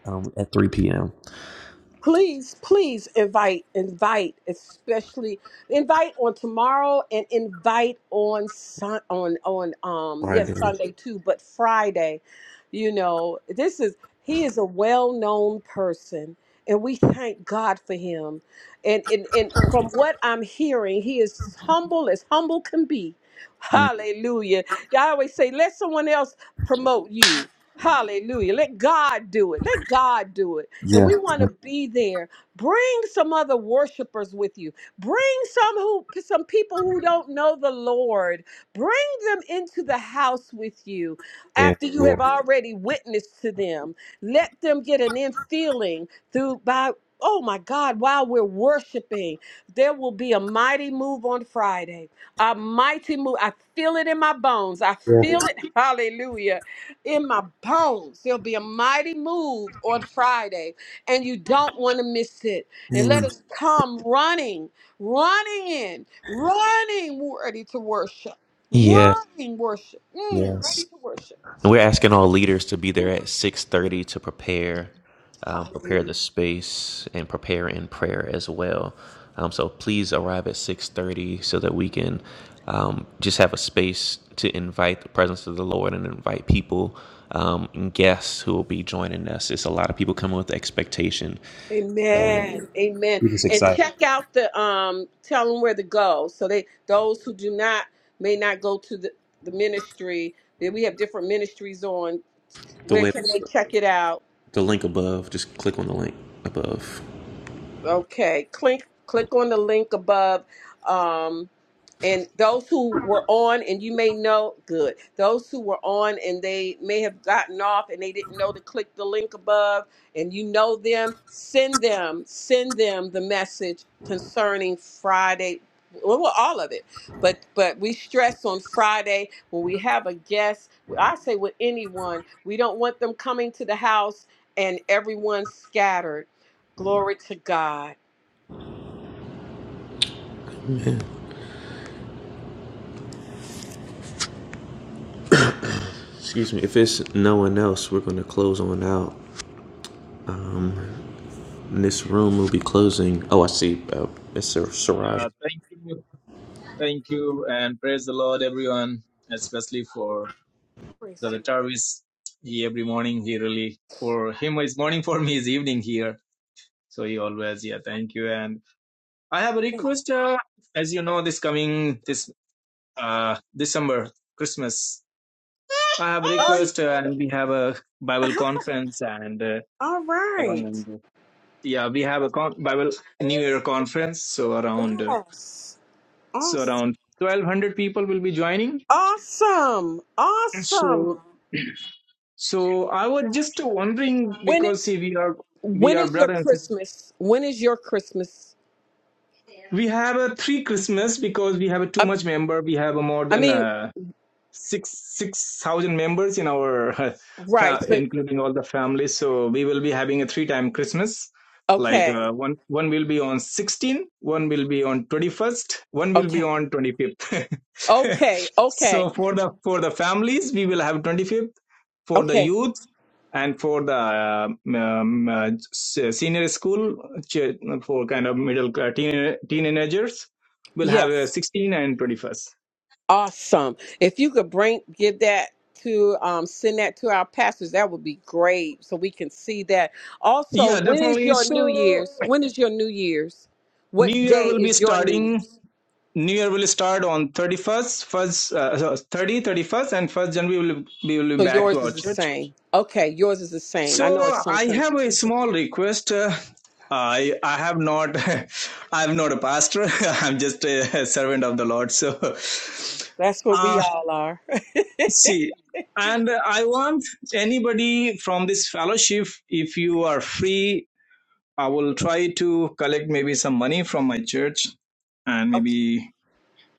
S1: um, at three p.m.
S3: please please invite invite especially invite on tomorrow and invite on sun on on um yes
S1: Friday.
S3: sunday too but friday you know this is he is a well-known person and we thank god for him and and, and from what i'm hearing he is as humble as humble can be
S1: Mm.
S3: hallelujah i always say let someone else promote you hallelujah let god do it let god do it and
S1: Yeah,
S3: we want to be there. Bring some other worshipers with you. Bring some who some people who don't know the Lord. Bring them into the house with you
S1: yeah,
S3: after you have
S1: yeah,
S3: already witnessed to them. Let them get an in feeling through by Oh my God, while we're worshiping, there will be a mighty move on Friday. A mighty move. I feel it in my bones. I
S1: yeah.
S3: feel it, <laughs> hallelujah, in my bones. There'll be a mighty move on Friday and you don't want to miss it. And let
S1: Mm.
S3: us come running, running in, running ready to worship,
S1: Yeah,
S3: running worship, mm,
S1: yes.
S3: ready to worship.
S1: We're asking all leaders to be there at 6:30 to prepare,
S3: <sighs>
S1: um,
S3: Hallelujah.
S1: prepare the space and prepare in prayer as well. Um, so please arrive at 6:30 so that we can um, just have a space to invite the presence of the Lord and invite people um, and guests who will be joining us. It's a lot of people coming with expectation. So
S3: Amen. Amen.
S1: we're just
S3: And
S1: excited.
S3: check out the um tell them where to go. So they those who do not may not go to the, the ministry. Then we have different ministries on.
S1: The
S3: Where
S1: way
S3: can they check it out?
S1: the link above, just click on the link above.
S3: Okay, click click on the link above. Um, and those who were on, and you may know, good. Those who were on and they may have gotten off and they didn't know to click the link above, and you know them, send them, send them the message concerning Friday. Well, well, all of it, but but we stress on Friday when we have a guest. I say with anyone, we don't want them coming to the house and everyone scattered. Glory to God
S1: Yeah. Excuse me. If it's no one else, we're going to close on out. This room will be closing. Oh, I see. Uh, Mr. Siraj.
S8: Uh, thank you, thank you, and praise the Lord, everyone, especially for the
S3: Christian.
S8: retirees. He every morning he really for him is morning for me is evening here, so he always yeah. Thank you, and I have a request. Uh, as you know, this coming this uh December Christmas, I have a
S3: Oh,
S8: request, uh, and we have a Bible
S3: <laughs>
S8: conference, and uh,
S3: All right.
S8: around yeah, we have a con- Bible New Year conference, so around uh,
S3: yes.
S8: so
S3: Awesome.
S8: around twelve hundred people will be joining.
S3: Awesome.
S8: So.
S3: Awesome.
S8: So I was just wondering
S3: When
S8: because
S3: is
S8: see we are we
S3: when
S8: are
S3: is your
S8: brother and sister.
S3: Christmas? When is your Christmas?
S8: We have a three Christmas because we have a too
S3: I,
S8: much member. We have a more
S3: I
S8: than
S3: mean,
S8: uh, six six thousand members in our <laughs>
S3: right.
S8: fa-
S3: So
S8: including all the families. So we will be having a three time Christmas. Like
S3: okay.
S8: uh, one one will be on 16, one will be on 21st, one will be
S3: Okay.
S8: on 25th.
S3: Okay.
S8: <laughs> so
S3: Okay.
S8: for the for the families, we will have 25th. For the
S3: Okay.
S8: youth and for the um, um, uh, senior school ch- for kind of middle uh, teen teenagers, we'll have a
S3: Yes.
S8: 16 and 21st.
S3: Awesome. If you could bring give that to um, send that to our pastors, that would be great, so we can see that. Also,
S8: Yeah,
S3: when is
S8: definitely.
S3: your New
S8: So
S3: Year's? When is your New Year's?
S8: New
S3: What
S8: Year
S3: day
S8: will be
S3: is your New
S8: starting.
S3: Year's?
S8: New Year will start on 31st, first, uh, so 30, thirty-first, and 1st January we will, we will be
S3: So
S8: back to
S3: yours
S8: our
S3: is the
S8: church.
S3: same. Okay, yours is the same. I
S8: So
S3: know it's some
S8: I have
S3: countries.
S8: a small request. Uh, I I have not <laughs> I'm not a pastor. <laughs> I'm just a servant of the Lord. So
S3: That's what we
S8: uh
S3: all are.
S8: see and I want anybody from this fellowship if you are free I will try to collect maybe some money from my church and maybe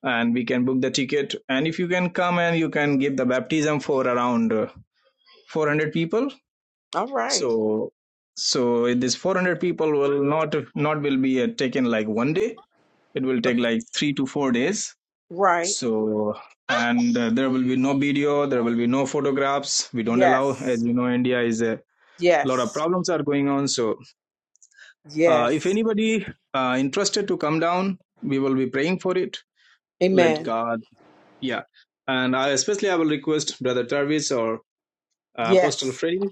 S8: and we can book the ticket and if you can come and you can give the baptism for around uh, 400 people
S3: <laughs> all right.
S8: so so this 400 people will not not will be uh, taken like one day it will take like 3 to 4 days
S3: Right.
S8: so and uh, there will be no video there will be no photographs we don't allow
S3: Yes.
S8: as you know india is a lot of
S3: Yes.
S8: problems are going on so Uh, if
S3: Yes.
S8: anybody uh, interested to come down, we will be praying for it. Let
S3: Amen.
S8: God, yeah. And I, especially I will request Brother Travis or uh, Apostle
S3: Yes.
S8: Freddy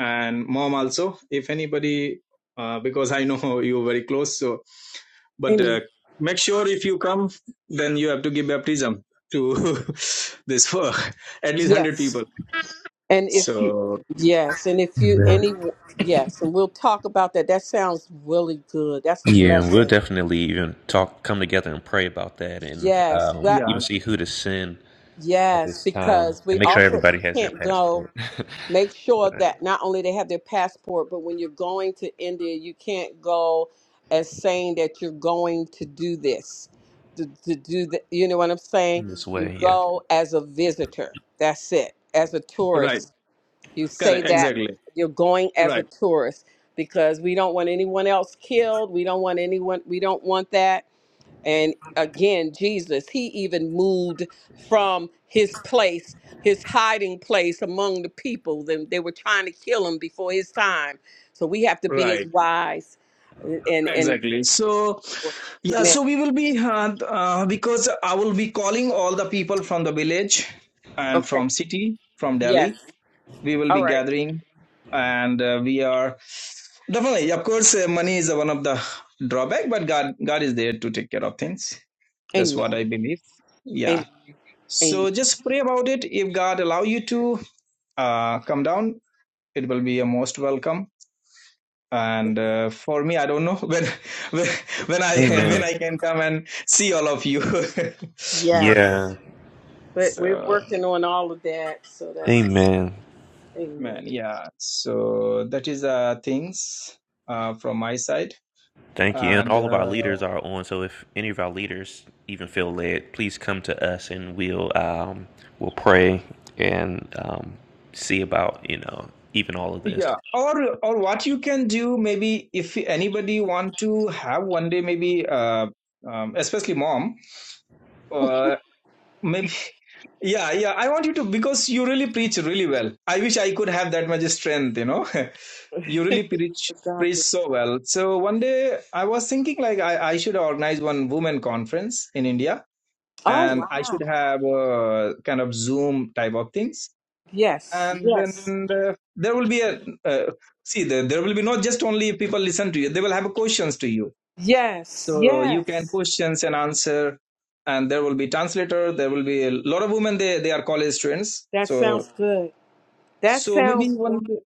S8: and Mom also. If anybody, uh, because I know <laughs> you very close, so but uh,
S3: Amen.
S8: make sure if you come, then you have to give baptism to <laughs> this for at least hundred
S3: Yes.
S8: people.
S3: And if you,
S8: So
S3: yes, and if you,
S1: Yeah.
S3: any, yes, and we'll talk about that. That sounds really good. That's a
S1: Yeah, and we'll
S3: blessing.
S1: definitely even talk, come together and pray about that, and
S3: Yes,
S1: um,
S3: that,
S8: yeah,
S1: even see who to send at
S3: yes,
S1: this time,
S3: because
S1: and
S3: we
S1: make sure
S3: also,
S1: everybody
S3: you
S1: has their
S3: can't go,
S1: passport. <laughs>
S3: make sure
S1: but
S3: that not only they have their passport, but when you're going to India, you can't go as saying that you're going to do this, to, to do that. You know what I'm saying?
S1: in this
S3: You
S1: way, yeah.
S3: go as a visitor. That's it. As a
S8: right,
S3: tourist, You say
S8: correct,
S3: that
S8: exactly,
S3: you're going as a
S8: right,
S3: tourist because we don't want anyone else killed. We don't want anyone, we don't want that. And again, Jesus, he even moved from his place, his hiding place among the people. Then they were trying to kill him before his time. So we have to be
S8: right.
S3: as wise and and
S8: Exactly. So, yeah,
S3: amen.
S8: so we will be, uh, uh, because I will be calling all the people from the village and
S3: Okay.
S8: from city, from
S3: Yes.
S8: Delhi. We will
S3: All
S8: be
S3: right.
S8: gathering and uh, we are definitely, of course, uh, money is one of the drawback, but God, God is there to take care of things. That's what
S3: Amen.
S8: I believe. Yeah.
S3: Amen. Amen.
S8: So just pray about it. If God allow you to uh, come down, it will be a most welcome and uh, for me i don't know when <laughs> when when i when
S1: Amen.
S8: i can come and see all of you <laughs>
S1: Yeah.
S3: Yes. But we're
S8: so
S3: working on all of that. So that's
S1: Amen.
S3: amen.
S8: man yeah so that is uh things uh from my side
S1: Thank you. And
S8: and
S1: all of our
S8: uh,
S1: leaders are on. So if any of our leaders even feel led, please come to us, and we'll um, we'll pray and um, see about you know even all of this.
S8: yeah or or what you can do maybe if anybody want to have one day maybe uh um, especially mom uh, maybe yeah yeah i want you to because you really preach really well i wish i could have that much strength you know <laughs> you really preach preach
S3: Agape.
S8: so well so one day i was thinking like i, I should organize one women conference in india
S3: Oh
S8: and i
S3: wow.
S8: should have a kind of zoom type of things
S3: Yes.
S8: and
S3: Yes.
S8: then uh, there will be a uh, see there, there will be not just only people listen to you they will have questions to you
S3: Yes.
S8: so you can
S3: Yes.
S8: questions and answer and there will be translator there will be a lot of women they they are college students
S3: That
S8: so
S3: sounds good. That
S8: so maybe
S3: sounds
S8: one
S3: wonderful.
S8: day-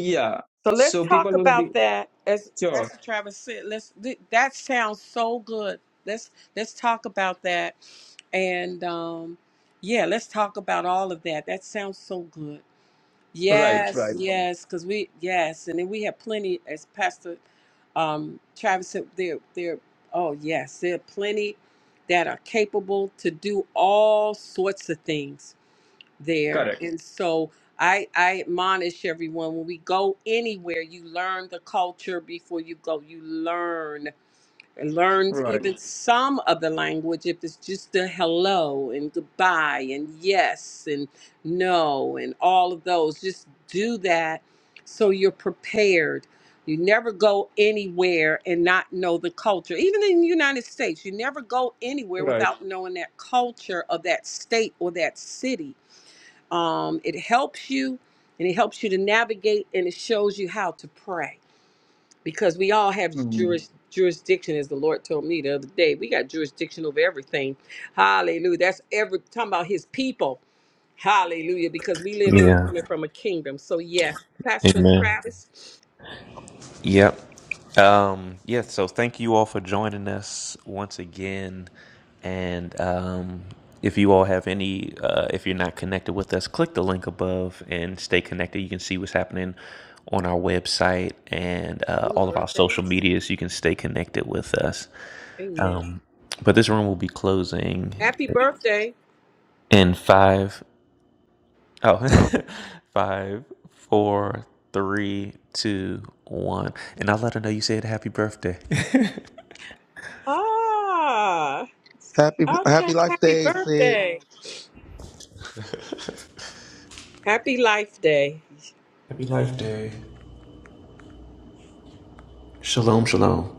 S8: yeah
S3: So let's
S8: so
S3: talk
S8: people will be
S3: about that as
S8: sure
S3: Pastor Travis said. Let's th- that sounds so good. Let's let's talk about that and um yeah, let's talk about all of that. That sounds so good.
S8: right
S3: Yes,
S8: right
S3: yes, because we yes, and then we have plenty as Pastor um Travis said there there oh yes, there are plenty that are capable to do all sorts of things there.
S8: correct
S3: And so I I admonish everyone when we go anywhere, you learn the culture before you go. You learn and learns
S8: right
S3: even some of the language if it's just a hello and goodbye and yes and no and all of those just do that so you're prepared you never go anywhere and not know the culture even in the united states you never go anywhere
S8: right
S3: without knowing that culture of that state or that city um, it helps you and it helps you to navigate and it shows you how to pray because we all have
S8: Hmm.
S3: juris, jurisdiction, as the Lord told me the other day. We got jurisdiction over everything. Hallelujah. That's every talking about His people. Hallelujah. Because we live, we're
S1: Yeah.
S3: coming from a kingdom. So yes, Pastor
S1: Amen.
S3: Travis.
S1: Yep. Um, yeah, so thank you all for joining us once again. And um, if you all have any, uh, if you're not connected with us, click the link above and stay connected. You can see what's happening on our website and uh,
S3: Happy
S1: all of our social
S3: birthdays.
S1: medias. You can stay connected with us.
S3: Amen.
S1: Um, but this room will be closing
S3: Happy birthday.
S1: in five, Oh, <laughs> five, four, three, two, one. And I'll let her know you said happy birthday. <laughs>
S3: Ah,
S2: Happy
S3: Okay,
S2: happy life
S3: happy
S2: day, sis.
S3: birthday. Happy life day.
S1: Happy Life Day. Shalom, shalom.